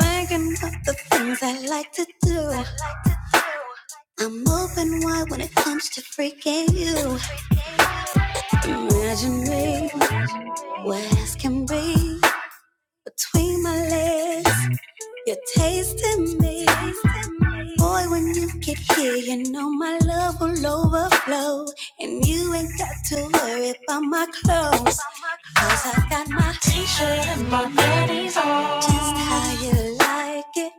[SPEAKER 1] Thinking of the things I like to do. I'm open wide when it comes to freaking you. Imagine me, where else can be? between my legs. You're tasting me. Boy, when you get here, you know my love will overflow. And you ain't got to worry about my clothes. 'cause I got my style, you like it.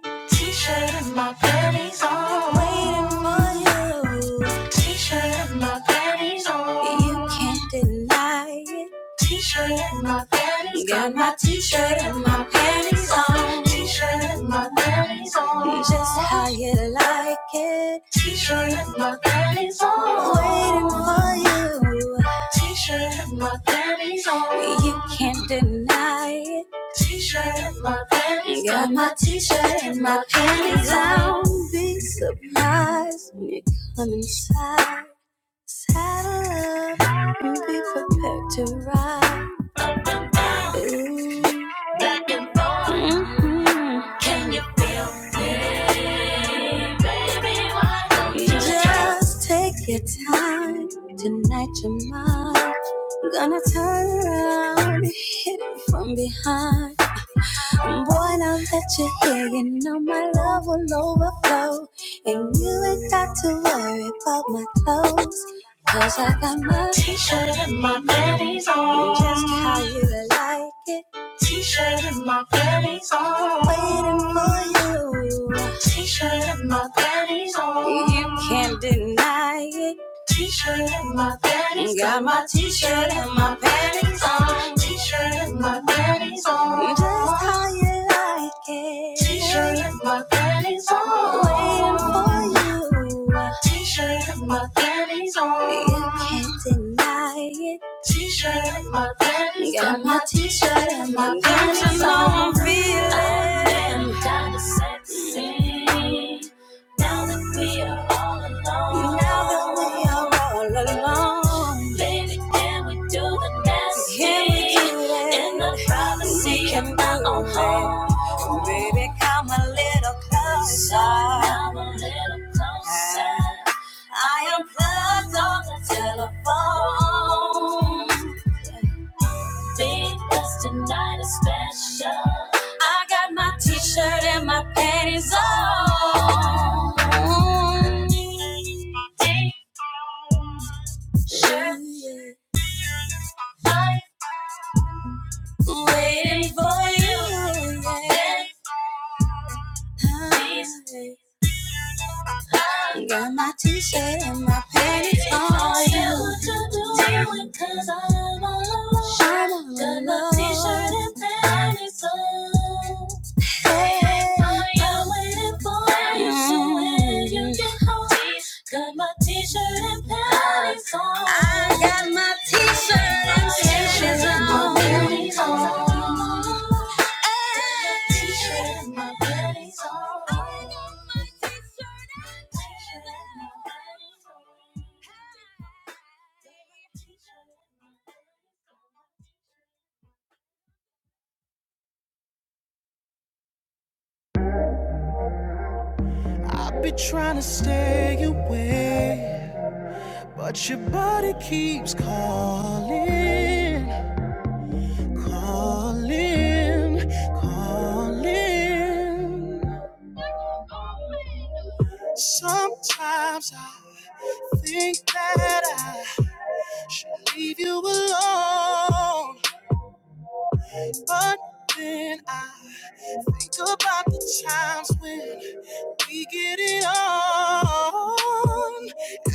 [SPEAKER 1] You can't deny it. T-shirt and my panties. Got my t-shirt and my panties on. T-shirt and my panties on. Just how you like it. T-shirt and my panties on. Waiting for you. T-shirt and my panties on. You can't deny it. T-shirt and my panties Got my t-shirt and my panties on. Don't be surprised when you come inside. Out of love, you be prepared to ride. Ooh. Mhm. Just take your time. Tonight you're mine. Gonna turn around and hit it from behind. Boy, now that you're here, you know my love will overflow. And you ain't got to worry about my clothes. Cause I got my T-shirt and my panties on. just how you like it. T-shirt and my panties on. Waiting for you. T-shirt and my panties on. You can't deny it. T-shirt and my panties. Got Got my t-shirt and my panties on. T-shirt and my panties on. Just how you like it. T-shirt and my panties on. Waiting for you. T-shirt with my panties on. You can't deny it. T-shirt with my panties Got on. Got my T-shirt and my panties on. I'm feeling. I am kinda sexy now that we are all alone. Now that we are all alone. Baby, can we do the nasty? Can we do that? In the privacy of my own home. Baby, come a little closer. Come a little closer. I unplugged all the telephone. Because tonight is special. I got my t-shirt and my panties on. Sure, I'm waiting for you. Please, Got my t-shirt and my panties on. I see what you're doing 'cause I'm all alone. Got my t-shirt and panties on. I'm waiting for you, so when you get home, got my t-shirt and panties on. I got my t-shirt and Panties on. T-shirt and my panties on. I got my t-shirt and panties on. I've been trying to stay away. But your body keeps calling, calling, calling. Sometimes I think that I leave you alone, but then I think about the times when. We get it on.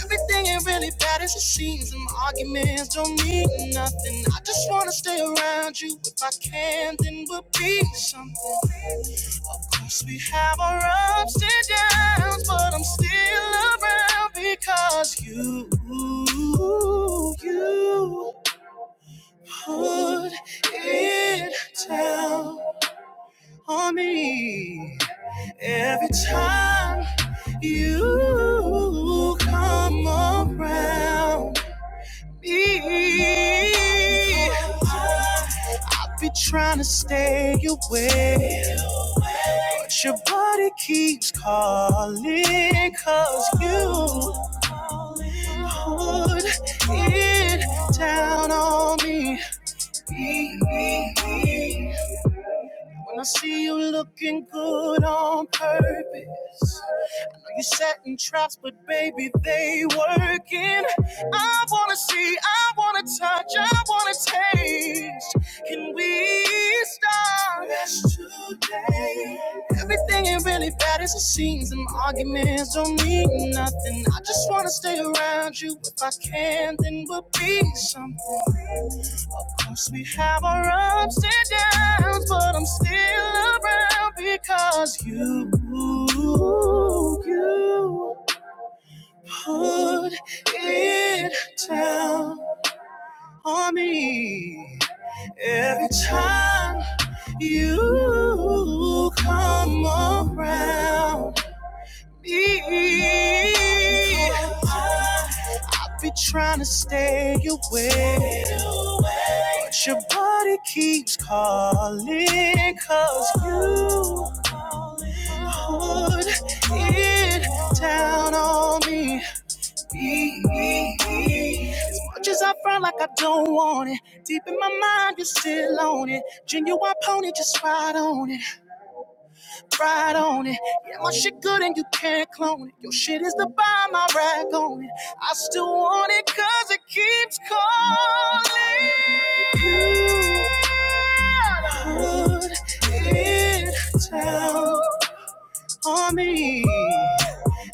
[SPEAKER 1] Everything ain't really bad as it seems, and my arguments don't mean nothing. I just wanna stay around you. If I can, then we'll be something. Of course, we have our ups and downs, but I'm still around because you, you put it down on me every time. You come around me. I be trying to stay away, but your body keeps calling. Cause you put it down on me. When I see you looking good on purpose. You setting traps, but baby, they working. I wanna see, I wanna touch, I wanna taste. Can we start Just today? Everything ain't really bad as it seems, and arguments don't mean nothing. I just wanna stay around you. If I can, then we'll be something. Cause we have our ups and downs, but I'm still around because you, you. Put it down on me every time you come around me. I be trying to stay away, but your body keeps calling. 'Cause you put it down on me as much as I front like I don't want it, deep in my mind you're still on it. Genuine pony, just ride on it, ride on it. Yeah, my shit good and you can't clone it. Your shit is the bomb, I rag on it. I still want it 'cause it keeps calling. Put it down on me.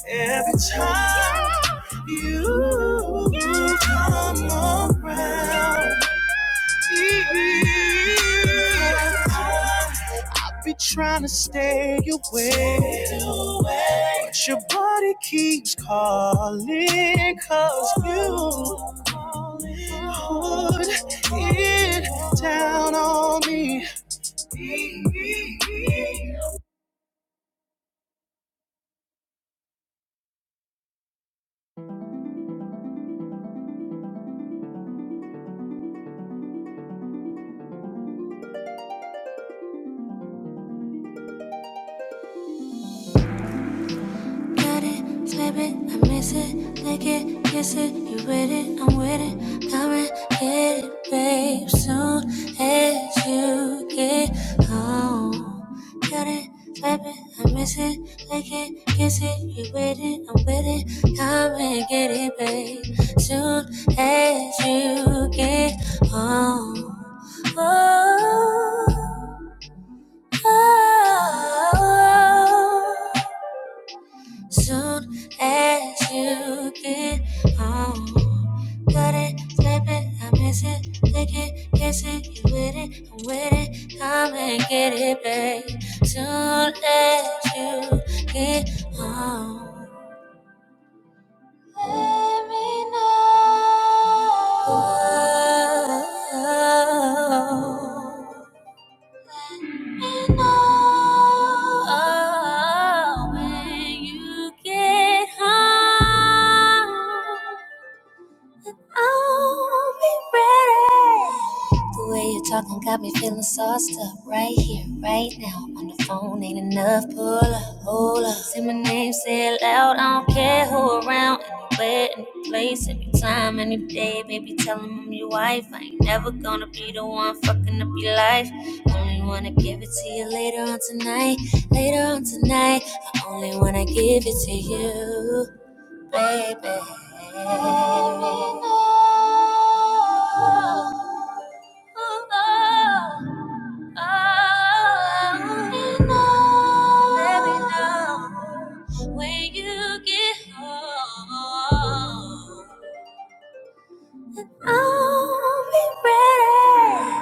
[SPEAKER 1] Every time you come around, I be trying to stay away, but your body keeps calling. 'Cause you put it down on me. Got it, slip it, I miss it, lick it, kiss it, you with it, I'm with it. Come and get it, babe, soon as you get home. Got it, slip it, I miss it, lick it, kiss it, you with it, I'm with it. Come and get it, babe, soon as you get home. Oh, oh, oh. oh. Soon as you get home, got it, slip it, I miss it, lick it, kiss it, you with it, I'm with it, come and get it, babe. Soon as you get home, let me know. And oh, when you get home, I'll be ready. The way you're talking got me feeling sauced up right here, right now. On the phone ain't enough. Pull up, hold up. Say my name, say it loud. I don't care who around, anywhere, any place, any time, any day. Baby, tell 'em I'm your wife. I ain't never gonna be the one fucking up your life. Only wanna give it to you later on tonight, later on tonight. I only wanna give it to you baby. Oh, oh, oh, oh. Baby, no. When you get home, I'll be ready.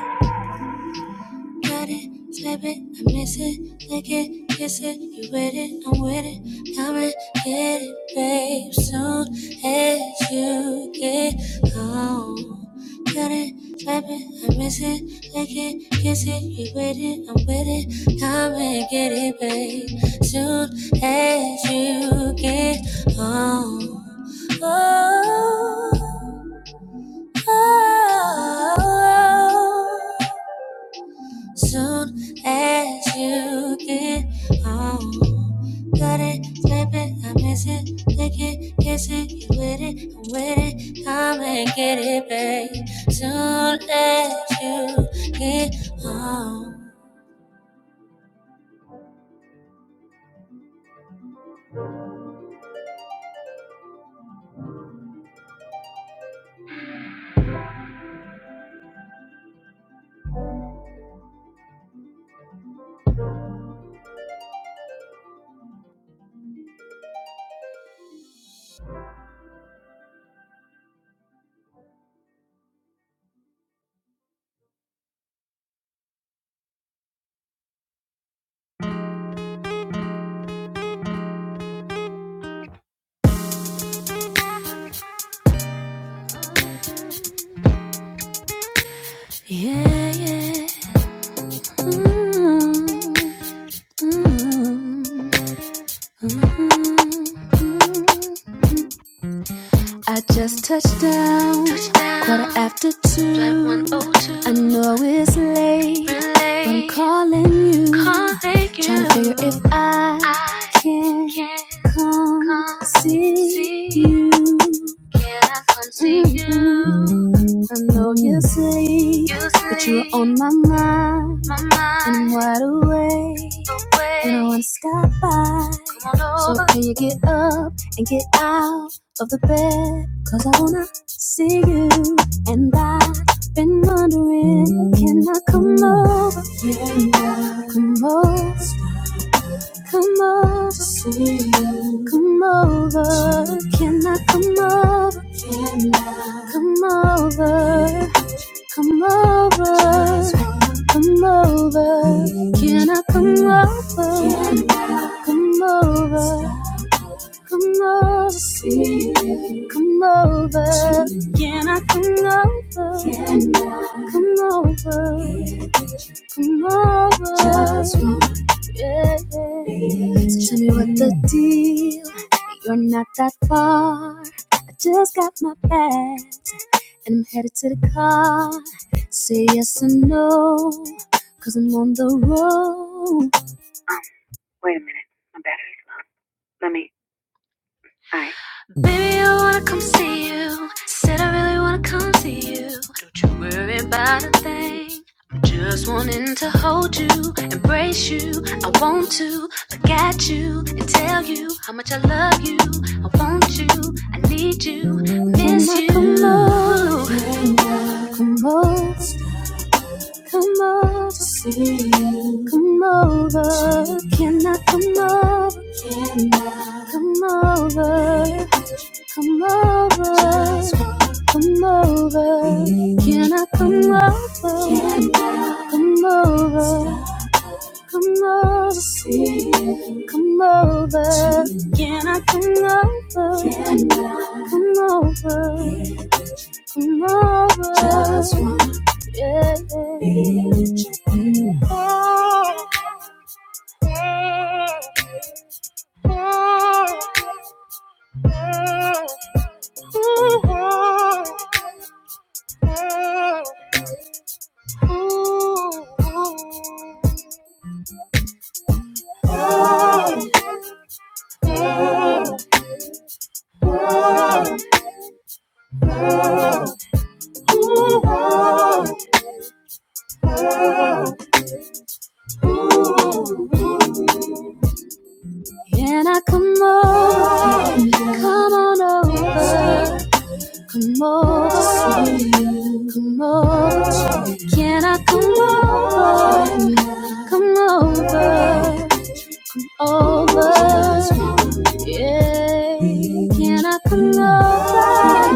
[SPEAKER 1] Got it, slip it, I miss it, lick it, kiss it, you with it, I'm with it, come and get it, babe. Soon as you get home. Got it, slip it, I miss it, lick it, kiss it, you with it, I'm with it, come and get it, babe. Soon as you get home. Oh, oh, oh. oh. Soon as you get home, got it, slapping, is it, licking, kissing, you with it, I'm with it, come and get it, babe. Soon as you get home, yeah, yeah. Mm, mm, mm, mm, I just touched down, touchdown. quarter after two. I know it's late, but I'm calling you. calling you. Trying to figure if I I can can come come see you. Mhm. I come see mm-hmm. you? I know you sleep, you sleep, but you're on my mind. my mind. And I'm wide awake, awake. and I want to stop by. So can you get up and get out? of the bed, 'cause I wanna see you And I've been wondering Can I come over, come over, come over to See you, come over Can I come over, come over Come over, come over Can I come over, come over Come over. See you. Come over. Can I come over? Can I come over? Yeah. Come over. Just yeah. yeah. So tell me what the deal. You're not that far. I just got my bag and I'm headed to the car. Say yes or no, i I'm on the road. Baby, I wanna come see you. Said I really wanna come see you. Don't you worry about a thing. I'm just wanting to hold you, embrace you. I want to look at you and tell you how much I love you. I want you, I need you, I miss you. Can I come over? Can I come over? Can I come over? Can I come over? Can I come over? Just walk. Can I come over? Come over. Can I come over? Come over. Over. Yeah. Can I come over?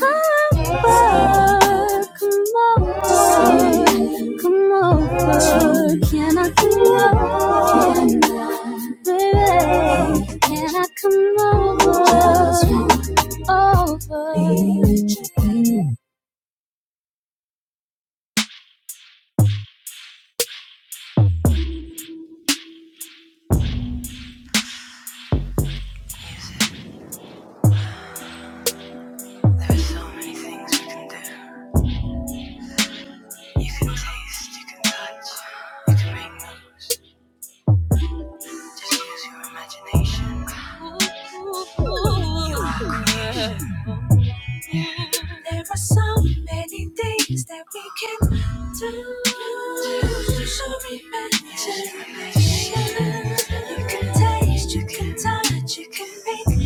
[SPEAKER 1] over, come over, come over. Can I come over, baby? Can I come over, over? Show me magic. You can taste, you can touch, you can make.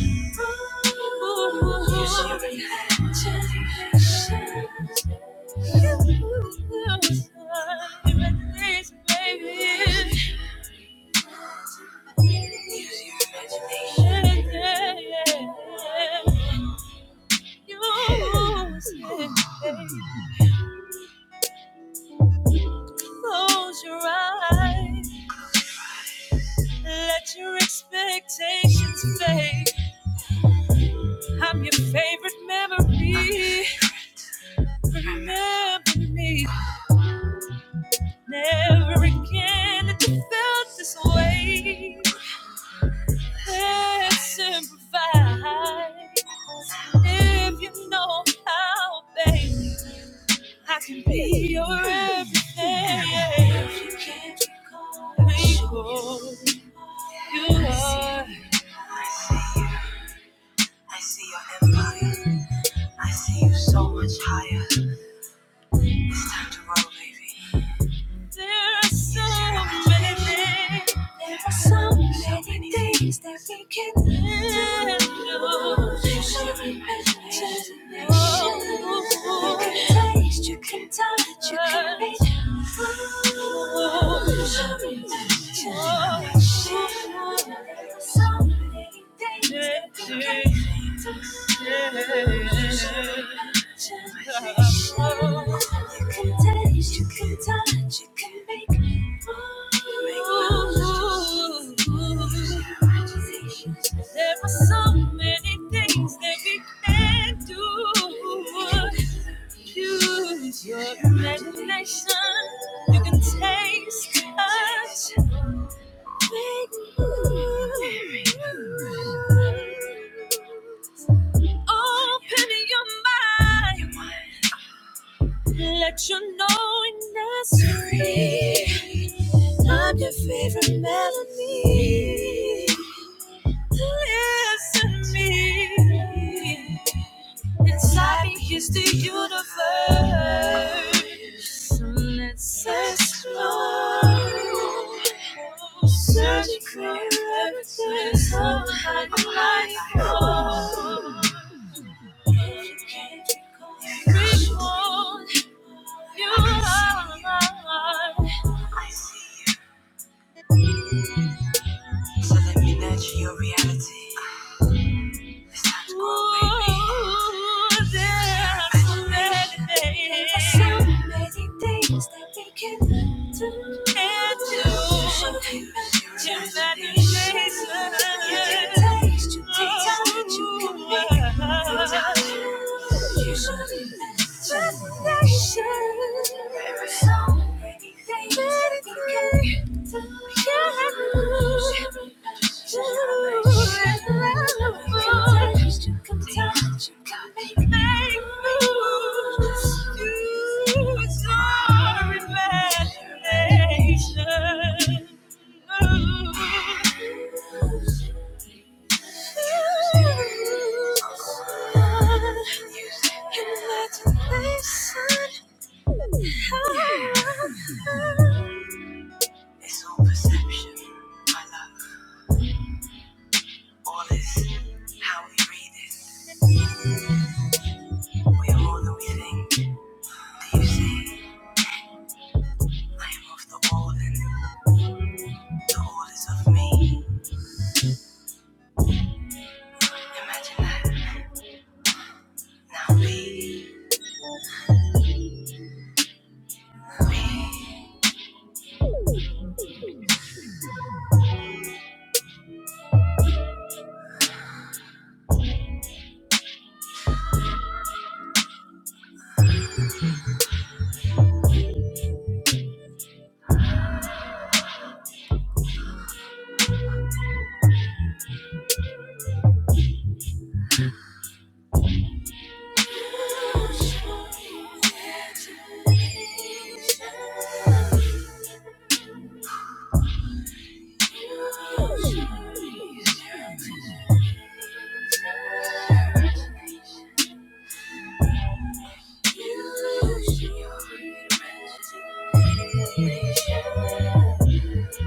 [SPEAKER 1] Ooh, you show me Close your eyes, let your expectations fade. I'm your favorite memory. Remember me. Never again that you felt this way. Let's simplify. If you know how, baby, I can be your everything. If you can't recall, you are. I see your empire. I see you so much higher. It's time to roll, baby. There are so many things. There are so many things that we can do. You should imagine. Oh, you can taste, you can touch, you can be Oh, you should imagine. There are so many there are so many things that we can do. Use your imagination. You can taste us. Open your mind. Let you know in nursery. I'm your favorite melody. Listen to me. Inside me is the universe, and it's explode. Searching for everything, somehow I might fall. Free fall, you are mine. Ooh, there so many things that we can do. And do. Just that you taste it. Oh, Just that you Imagination. Ooh. You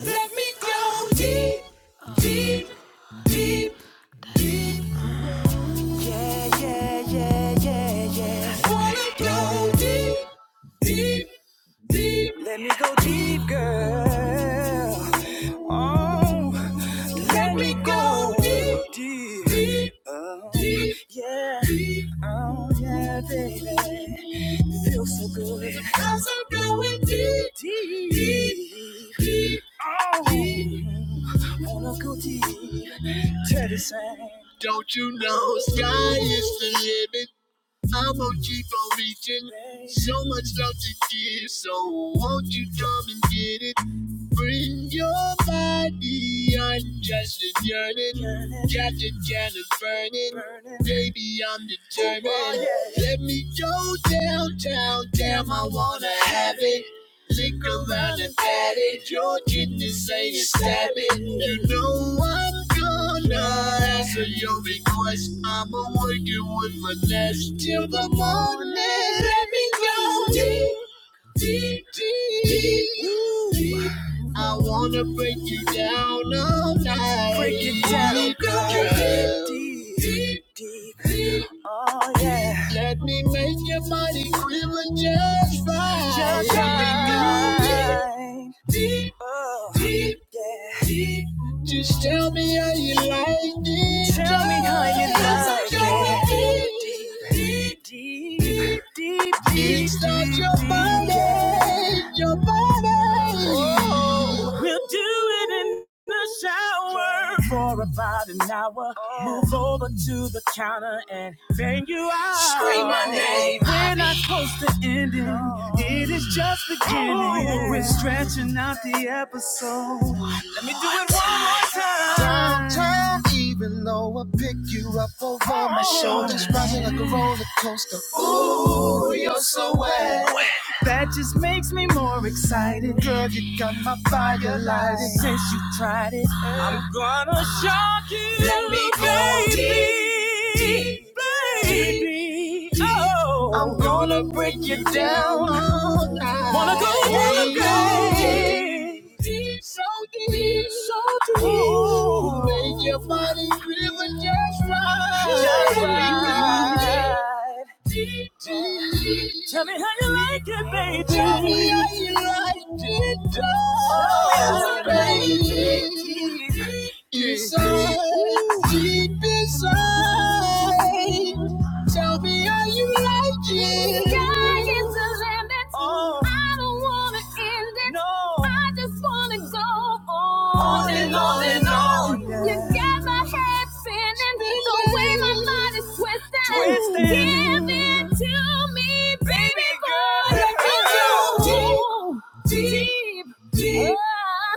[SPEAKER 1] Let me go deep, deep, deep, deep. Yeah, yeah, yeah, yeah, yeah. I wanna go deep, deep, deep. Let me go deep, girl. deep, deep, baby. Feels so good. I'm so going deep, deep, deep, deep. deep. Don't you know sky is the limit? I'm gonna keep on reaching. So much love to give, so won't you come and get it? Bring your body, I'm just yearning. Captain Janet burning. Baby, I'm determined. Let me go downtown, damn, I wanna have it. Lick around and pat it. Your kidneys say to stab it. You know I'm gonna answer your request. I'ma work it with finesse till the morning. Let me go deep deep, deep. deep. I wanna break you down all night. Break it down, girl. Deep, deep, deep, deep. Let me make your body quiver just right. Just right. Deep, deep, deep, deep. Just tell me how you like it. Tell me how you like it. Deep, deep, deep, deep, deep, deep. Kickstart your body. We'll do it in the shower for about an hour. Move over to the counter and bang you out. Scream my name. We're not supposed to end it. It is just beginning. We're stretching out the episode. Let me do it one more time. Downtown, even though I pick you up over my shoulders, rising like a roller coaster. You're so wet. That just makes me more excited. Girl, you got my fire lighted. Since you tried it, I'm let me go deep, deep, baby. deep. Oh, I'm gonna break you down. all night. Wanna go, wanna go deep, deep, so deep, so deep. Ooh, make your body feel just right, just right. Deep, deep, deep. Tell me how you like. Yeah, baby. Tell me how you like it, darling. baby. Inside, deep inside. Tell me how you like it. Sky is the limit. Oh. I don't wanna end it. No. I don't On and on and on. You got my hand in the wind. Twist it. Give it, baby girl. Let me go. Deep, deep, deep.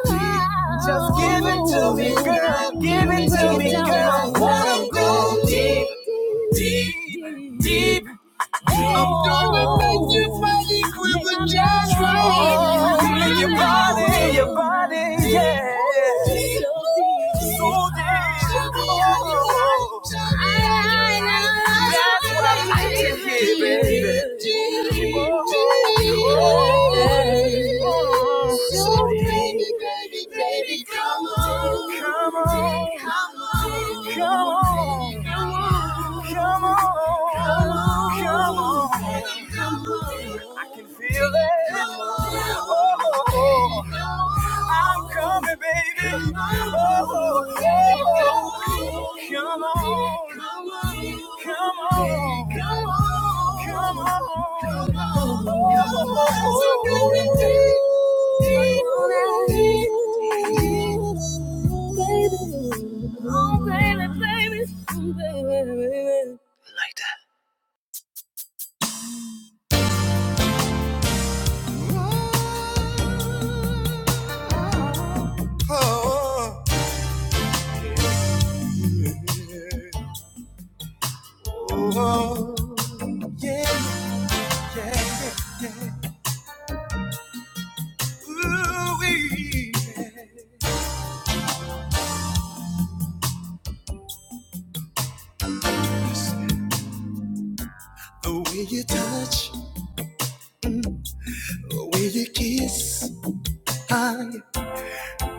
[SPEAKER 1] Just give it to me, girl. Give it to me, girl. Wanna go deep, deep, deep. I'm gonna make you body quiver just right. Feel your body, your body, yeah. So deep. Oh. That's what I like to hear, baby. Oh. Oh. So deep baby, come on. Come on. Come on. Come on. Come on. Come on. Come on. Come on. I can feel it. Oh, oh, oh. I'm coming, baby. Oh, oh, oh. Come on. Come on. Come on. Come on. The way you touch, the way you kiss, I,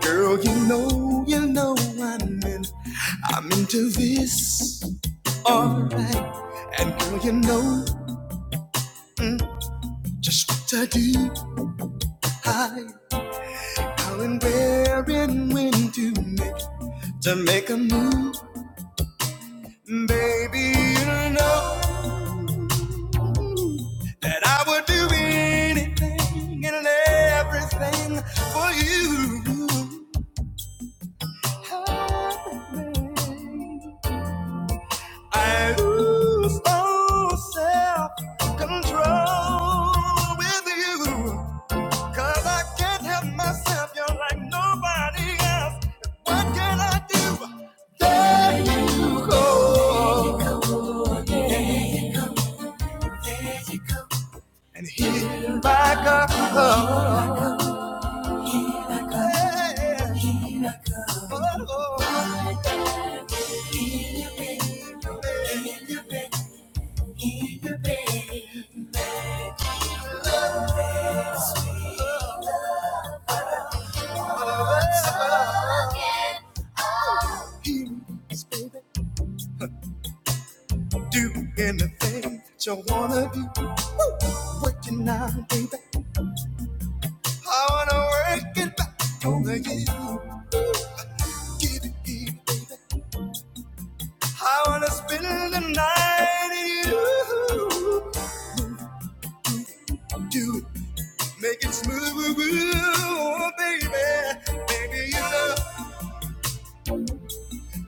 [SPEAKER 1] girl, you know, you know, I'm in, I'm into this, alright. And girl, you know, mm, just what I do, I, how and where and when to make. to make a move, baby. You know that I would do anything and everything for you. Everything. I lose all self control with you, 'cause I can't help myself. You're like nobody else. What can I do? Let you go. and healed my God. Oh, yeah. Oh, yeah. Oh, baby. Do anything you wanna do. Woo. Working now, baby. I wanna work it back over you. Give it to I wanna spend the night in you. Do it. Make it smooth, oh, baby. Baby, you know,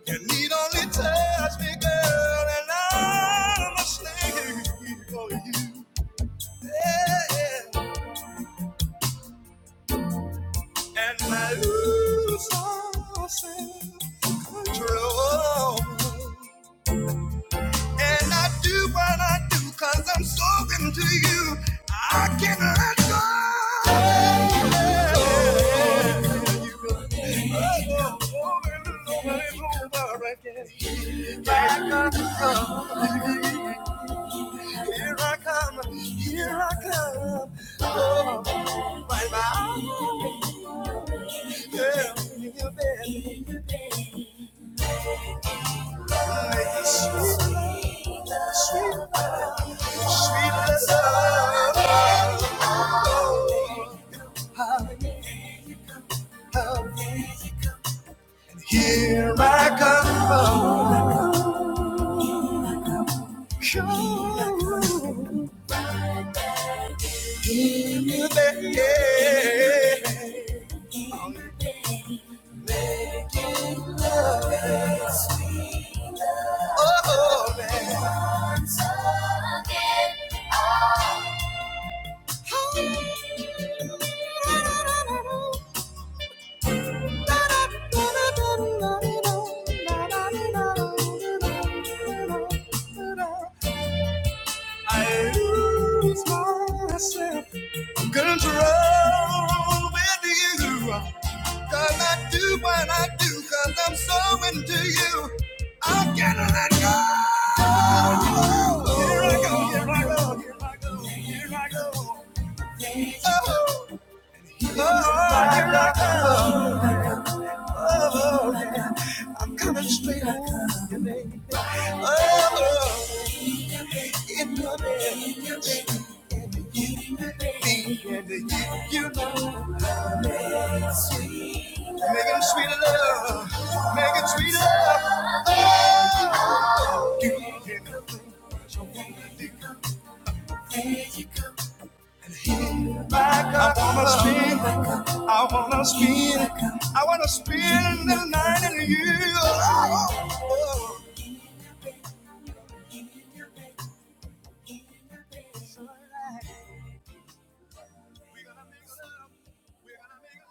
[SPEAKER 1] you need only touch me, girl, and I'm a slave for you. Yeah, yeah. And my ooh's all self-control. And I do what I do because I'm so into you. I can't let go. Over and over again. Here I come, here I come, here I come. Oh, my, my. Girl, in your bed. Here I come, come Making love, and sweet love, Oh, man. once again. I lose myself in control with you. Cause I do what I do, cause I'm so into you. I cannot let go. Oh, oh, oh. Here I go, here I go, Oh, oh, oh. here I go, here I go. Oh, oh, oh. here I go. Oh, I'm coming straight home. Oh, making sweet love, making sweet love. I wanna spin, I wanna spin, I wanna spin the night in you. Oh, oh. We're gonna make love. We're gonna make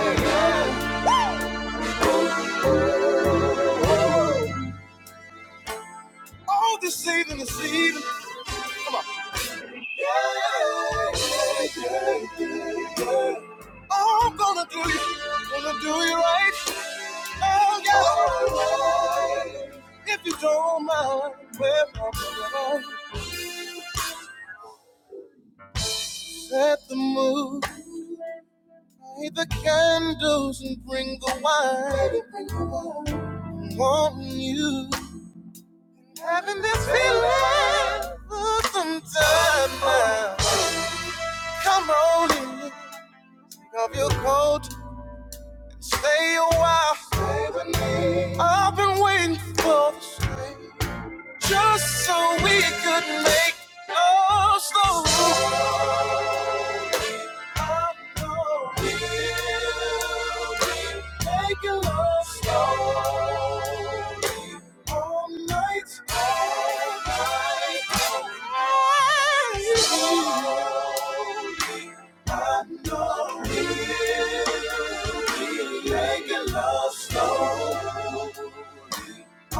[SPEAKER 1] love. We're gonna make love. Oh, this evening, this evening. Yeah, yeah, yeah, yeah. Oh, I'm gonna do you, gonna do you right. Oh, yeah. Oh, yeah. If you don't mind, well, I'm going set the mood. Light the candles and bring the wine. bring the wine. Wanting you. Having this feeling for some time now. Come on in, take off your coat. Stay a while. Stay with me. I've been waiting for this. Just so we could make love slow.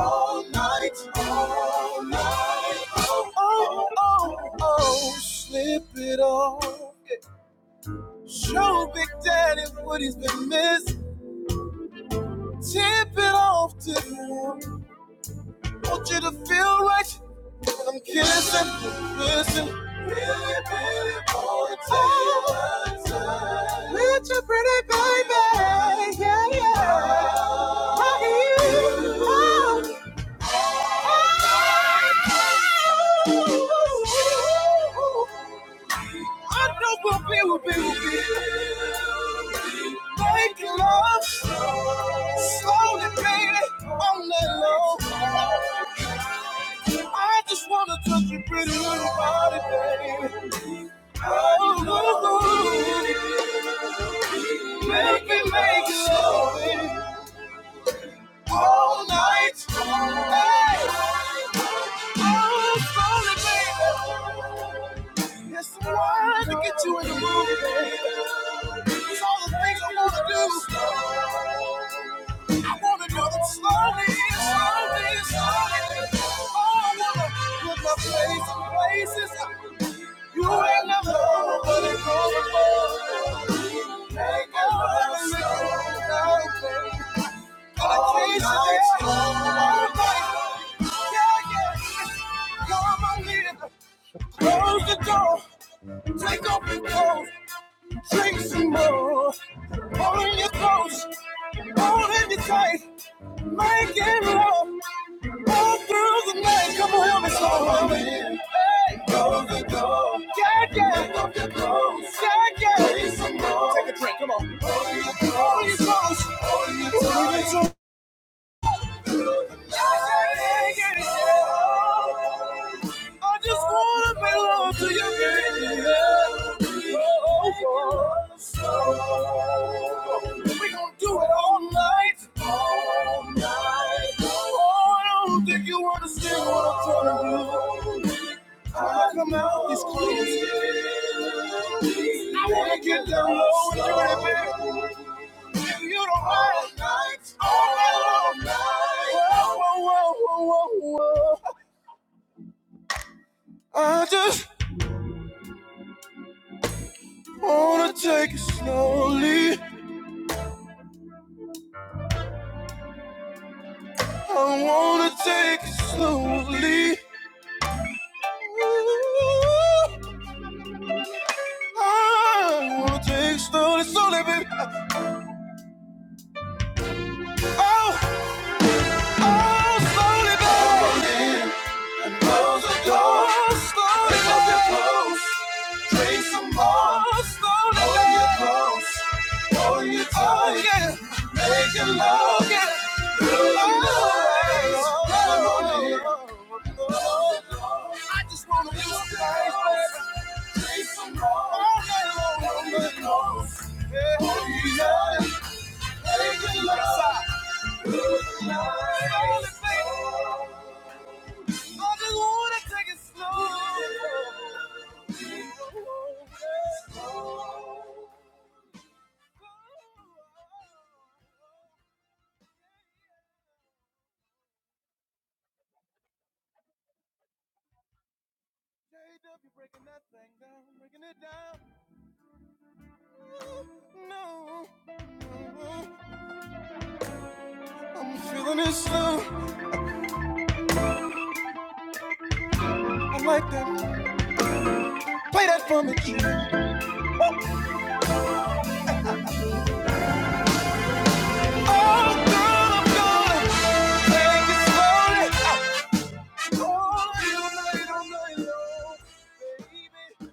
[SPEAKER 1] All night, all night, oh, oh, oh, oh, slip it off. Show Big Daddy what he's been missing. Tip it off to him. Want you to feel right. I'm kissing, listen. Really, really wanna take your time. With your pretty baby, yeah, yeah. I hear you. Oh. oh, oh, oh, I know we'll be, we'll be, we'll be. Make love slowly, baby, on that low. I just wanna touch your pretty little body, baby. Oh, ooh, ooh. make me make it love baby, all night. Hey. Oh, slowly, baby. That's the word to get you in the mood, baby. It's all the things I wanna do. I wanna do them slowly, slowly, slowly. Oh, I wanna put my place in places you ain't never nobody it for. Make it love slow, baby. Dedication, it's all my life. Yeah, yeah, it's all my life. Close the door. Take off your clothes, drink some more. Holding you close, holding you tight, making love all through the night. Come on, help me slow on in. Hey, close the door. Yeah, yeah. Take off your clothes, yeah, yeah. Drink some more. Take a drink, come on. Holding your close, holding you tight, I just wanna belong to you. baby. Oh, oh, oh. We gonna do it all night. All night. Oh, I don't think you understand what I'm trying to do. I come out these clothes. I wanna get down low and do it, baby give You do all night, all night. Whoa, whoa, whoa, whoa, whoa. I just wanna take it slowly. I wanna take it slowly. I wanna take it slowly, slowly, baby. Oh, oh, slowly, baby. Open and close the door. Oh, slowly, Pick up your clothes, drink some more. Oh, slowly, Hold your clothes. Oh, you oh, yeah. Making love. Yeah. Through the night. I just wanna be space, baby. Take some more. All night long. All day long. Yeah. Oh, yeah. Making love. Through the night. I just wanna take it slow. JW, you're breaking that thing down, breaking it down. No, I'm feeling it slow. I like that. Play that for me. G. Oh, girl, I'm gonna take it slowly. Ah. Oh, you know, you know, you know, baby.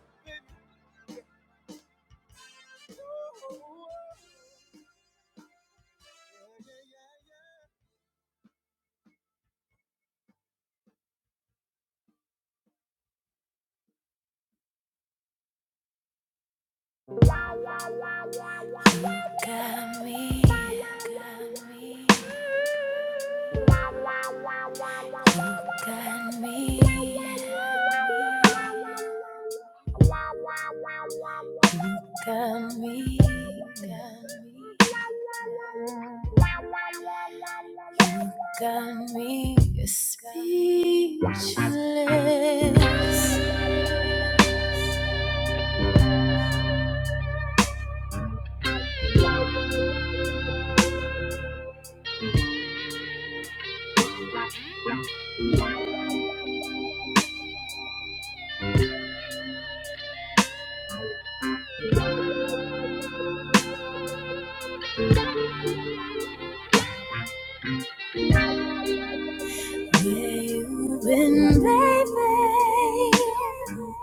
[SPEAKER 1] Oh, oh, oh. Got me speechless. Where you been, baby?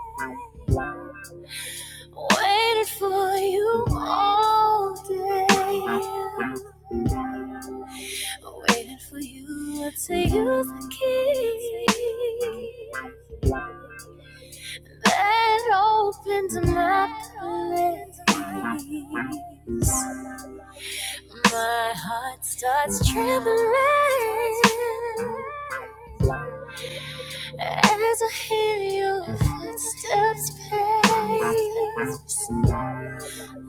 [SPEAKER 1] Waited for you all day. Waited for you to use the key that opens my place. My heart starts trembling as I hear your footsteps pace.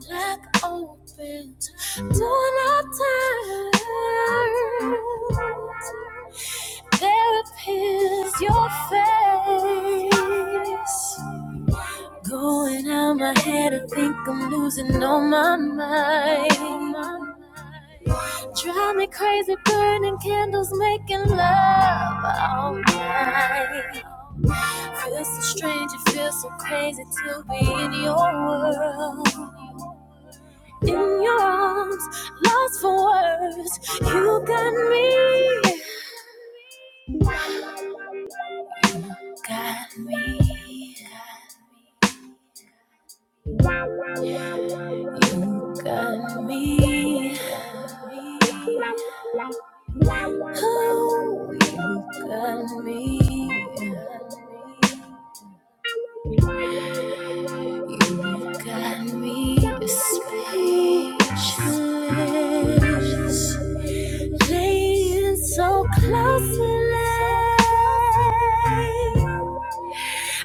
[SPEAKER 1] Black opens, do not turn. There appears your face. Going out my head, I think I'm losing all my mind. Drive me crazy, burning candles, making love all night. Feels so strange, it feels so crazy to be in your world. in your arms, lost for words. You got me, got me, you got me. Oh, you got me. You got me speechless, laying so close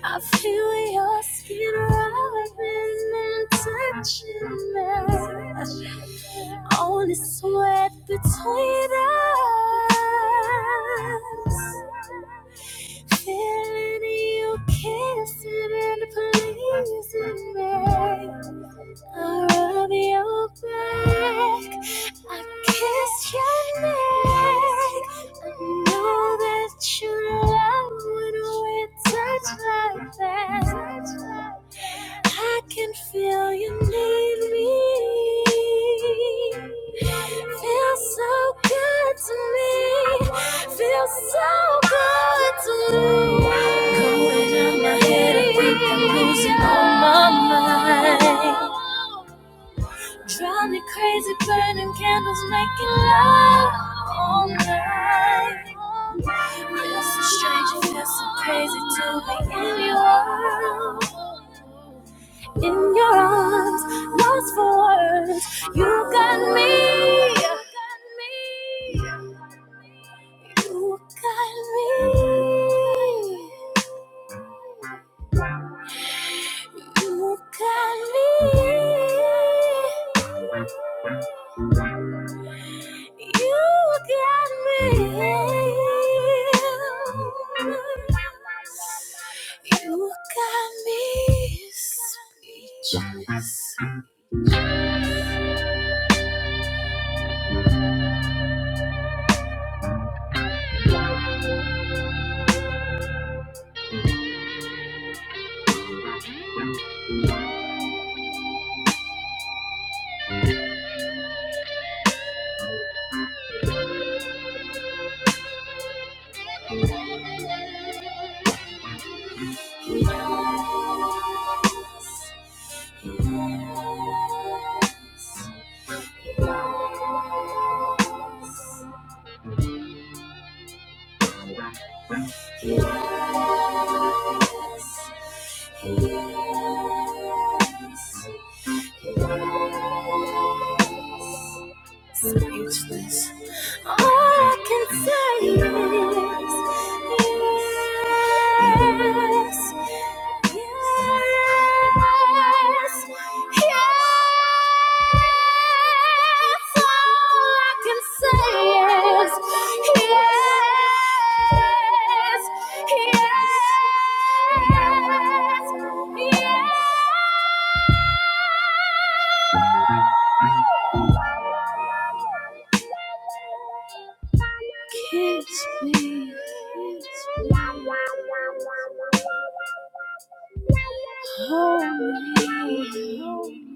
[SPEAKER 1] I feel your skin rubbing and touching me. Only sweat between us. Feeling you kissing and pleasing me. I rub your back. I kiss your neck. I know that you love when we touch like that. I can feel you need me. Feels so good to me. Feels so good to me. Going out my head, I think I'm losing all my mind. Drown me crazy, burning candles, making love all night. you so strange, you feel so crazy to be in your arms. In your arms, lost for words. You got me. You got me. You got me. You got me. You got me. You got me speechless. Yes, yes, yes. Speechless. All I can say is yes, yes, yes. All I can say is yes. Kiss me, hold me.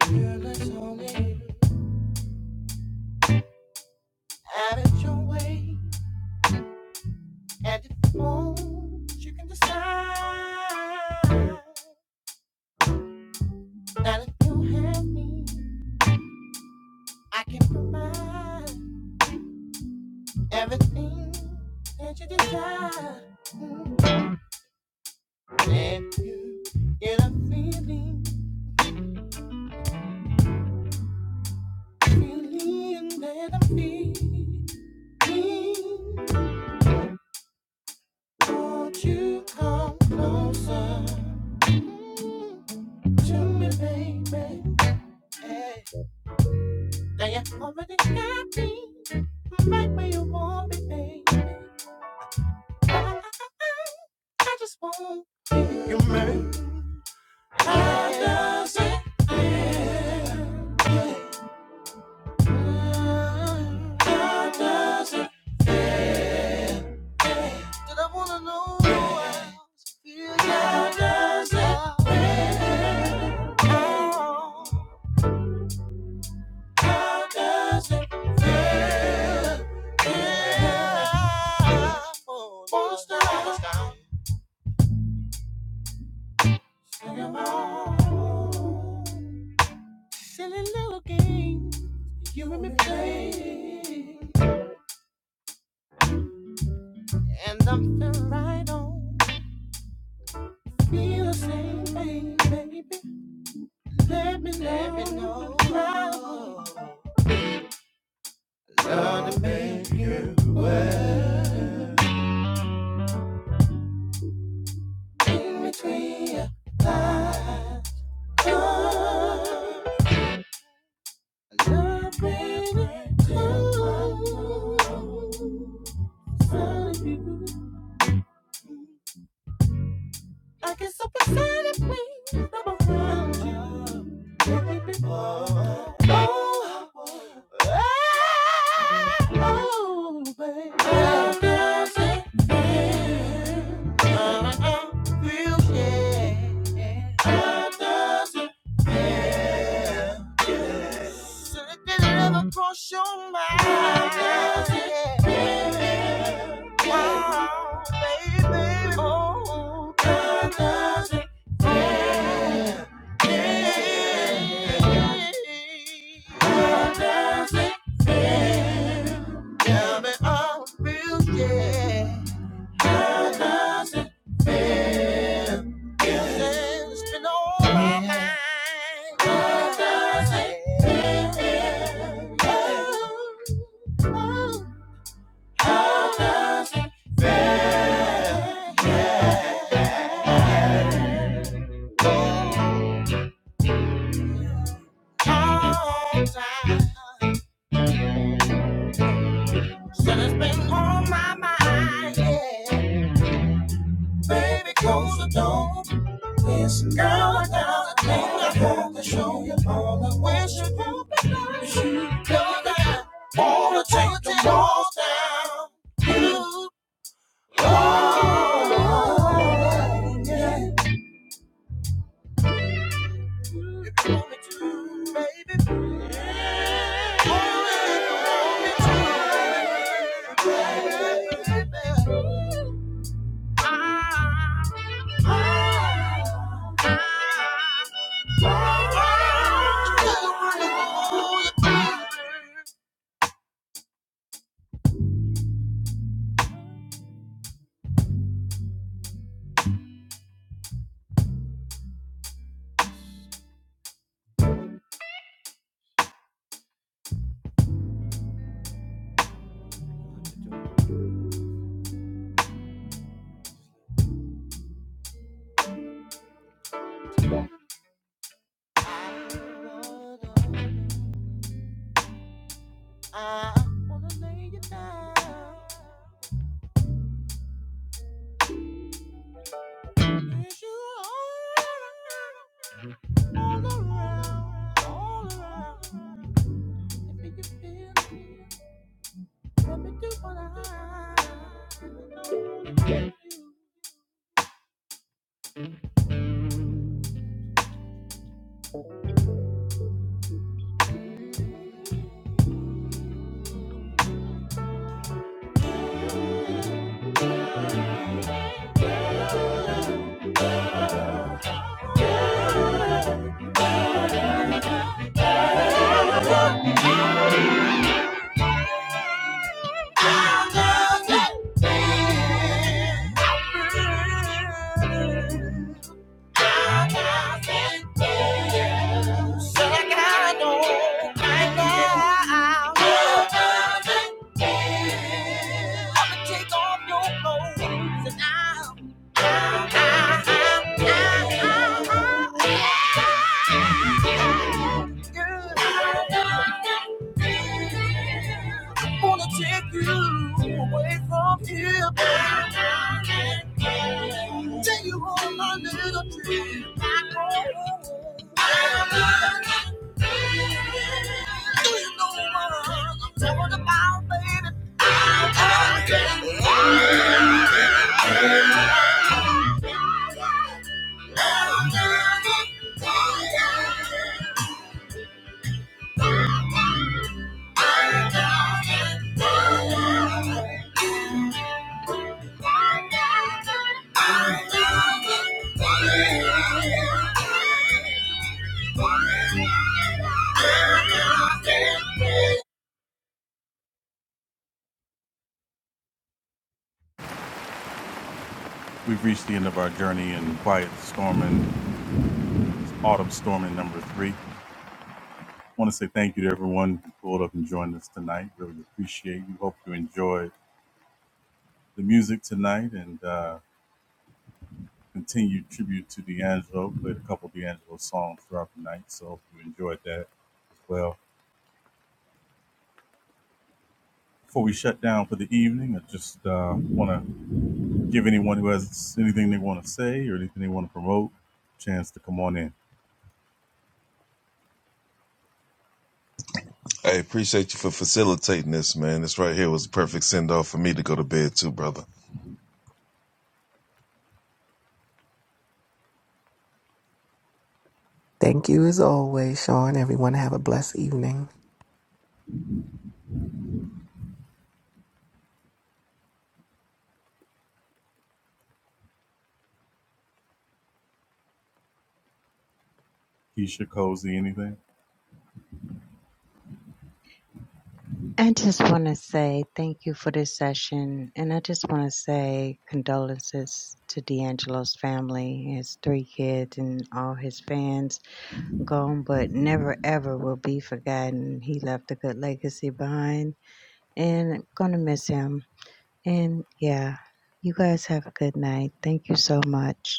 [SPEAKER 1] Girl, it's only out of your way. At the moment you can decide. Now if you have me, I can provide everything that you desire. If you get a feeling, feeling that I'm feeling. Won't you come closer to me, baby? Hey. Now you already got me right where you want me, baby. I, I, I I just want you. How does it? How does it? Did I wanna know? how I feel? How does it? feel? How does it feel? Yeah. not stop. Right on. Let me know. In between lines. Love, baby. Love. Sorry, people. I get so excited when I'm around you. Make Oh, ah, oh, baby. Girl, girl, say, yeah. Uh, uh, feel, yeah. Girl, girl, yeah. So Did it ever cross your mind? Yeah. Wow, baby, oh, does it feel? Does it? Tell me, are we real? Yeah. God loves it. It's been all my mind. Said it's been on my mind, yeah. Baby, close the door. It's girl, girl, thing I want to show you all the ways you broke me down. You know that wanna take the walls down. You Baby, baby, baby. I wanna lay you down. Yes, you all around, all around. If you feel me, let me do what I do. Take off your clothes and I'll I wanna take you away from here. baby. Take you on my little trip Do you know what I'm talking about, baby? Thank you.
[SPEAKER 3] Hey, appreciate you for facilitating this, man. This right here was the perfect send off for me to go to bed too, brother.
[SPEAKER 2] Thank you as always, Sean. Everyone have a blessed evening.
[SPEAKER 4] I just want to say thank you for this session. And I just want to say condolences to D'Angelo's family, his three kids, and all his fans gone, but never ever will be forgotten. He left a good legacy behind, and I'm going to miss him. And yeah, you guys have a good night. Thank you so much.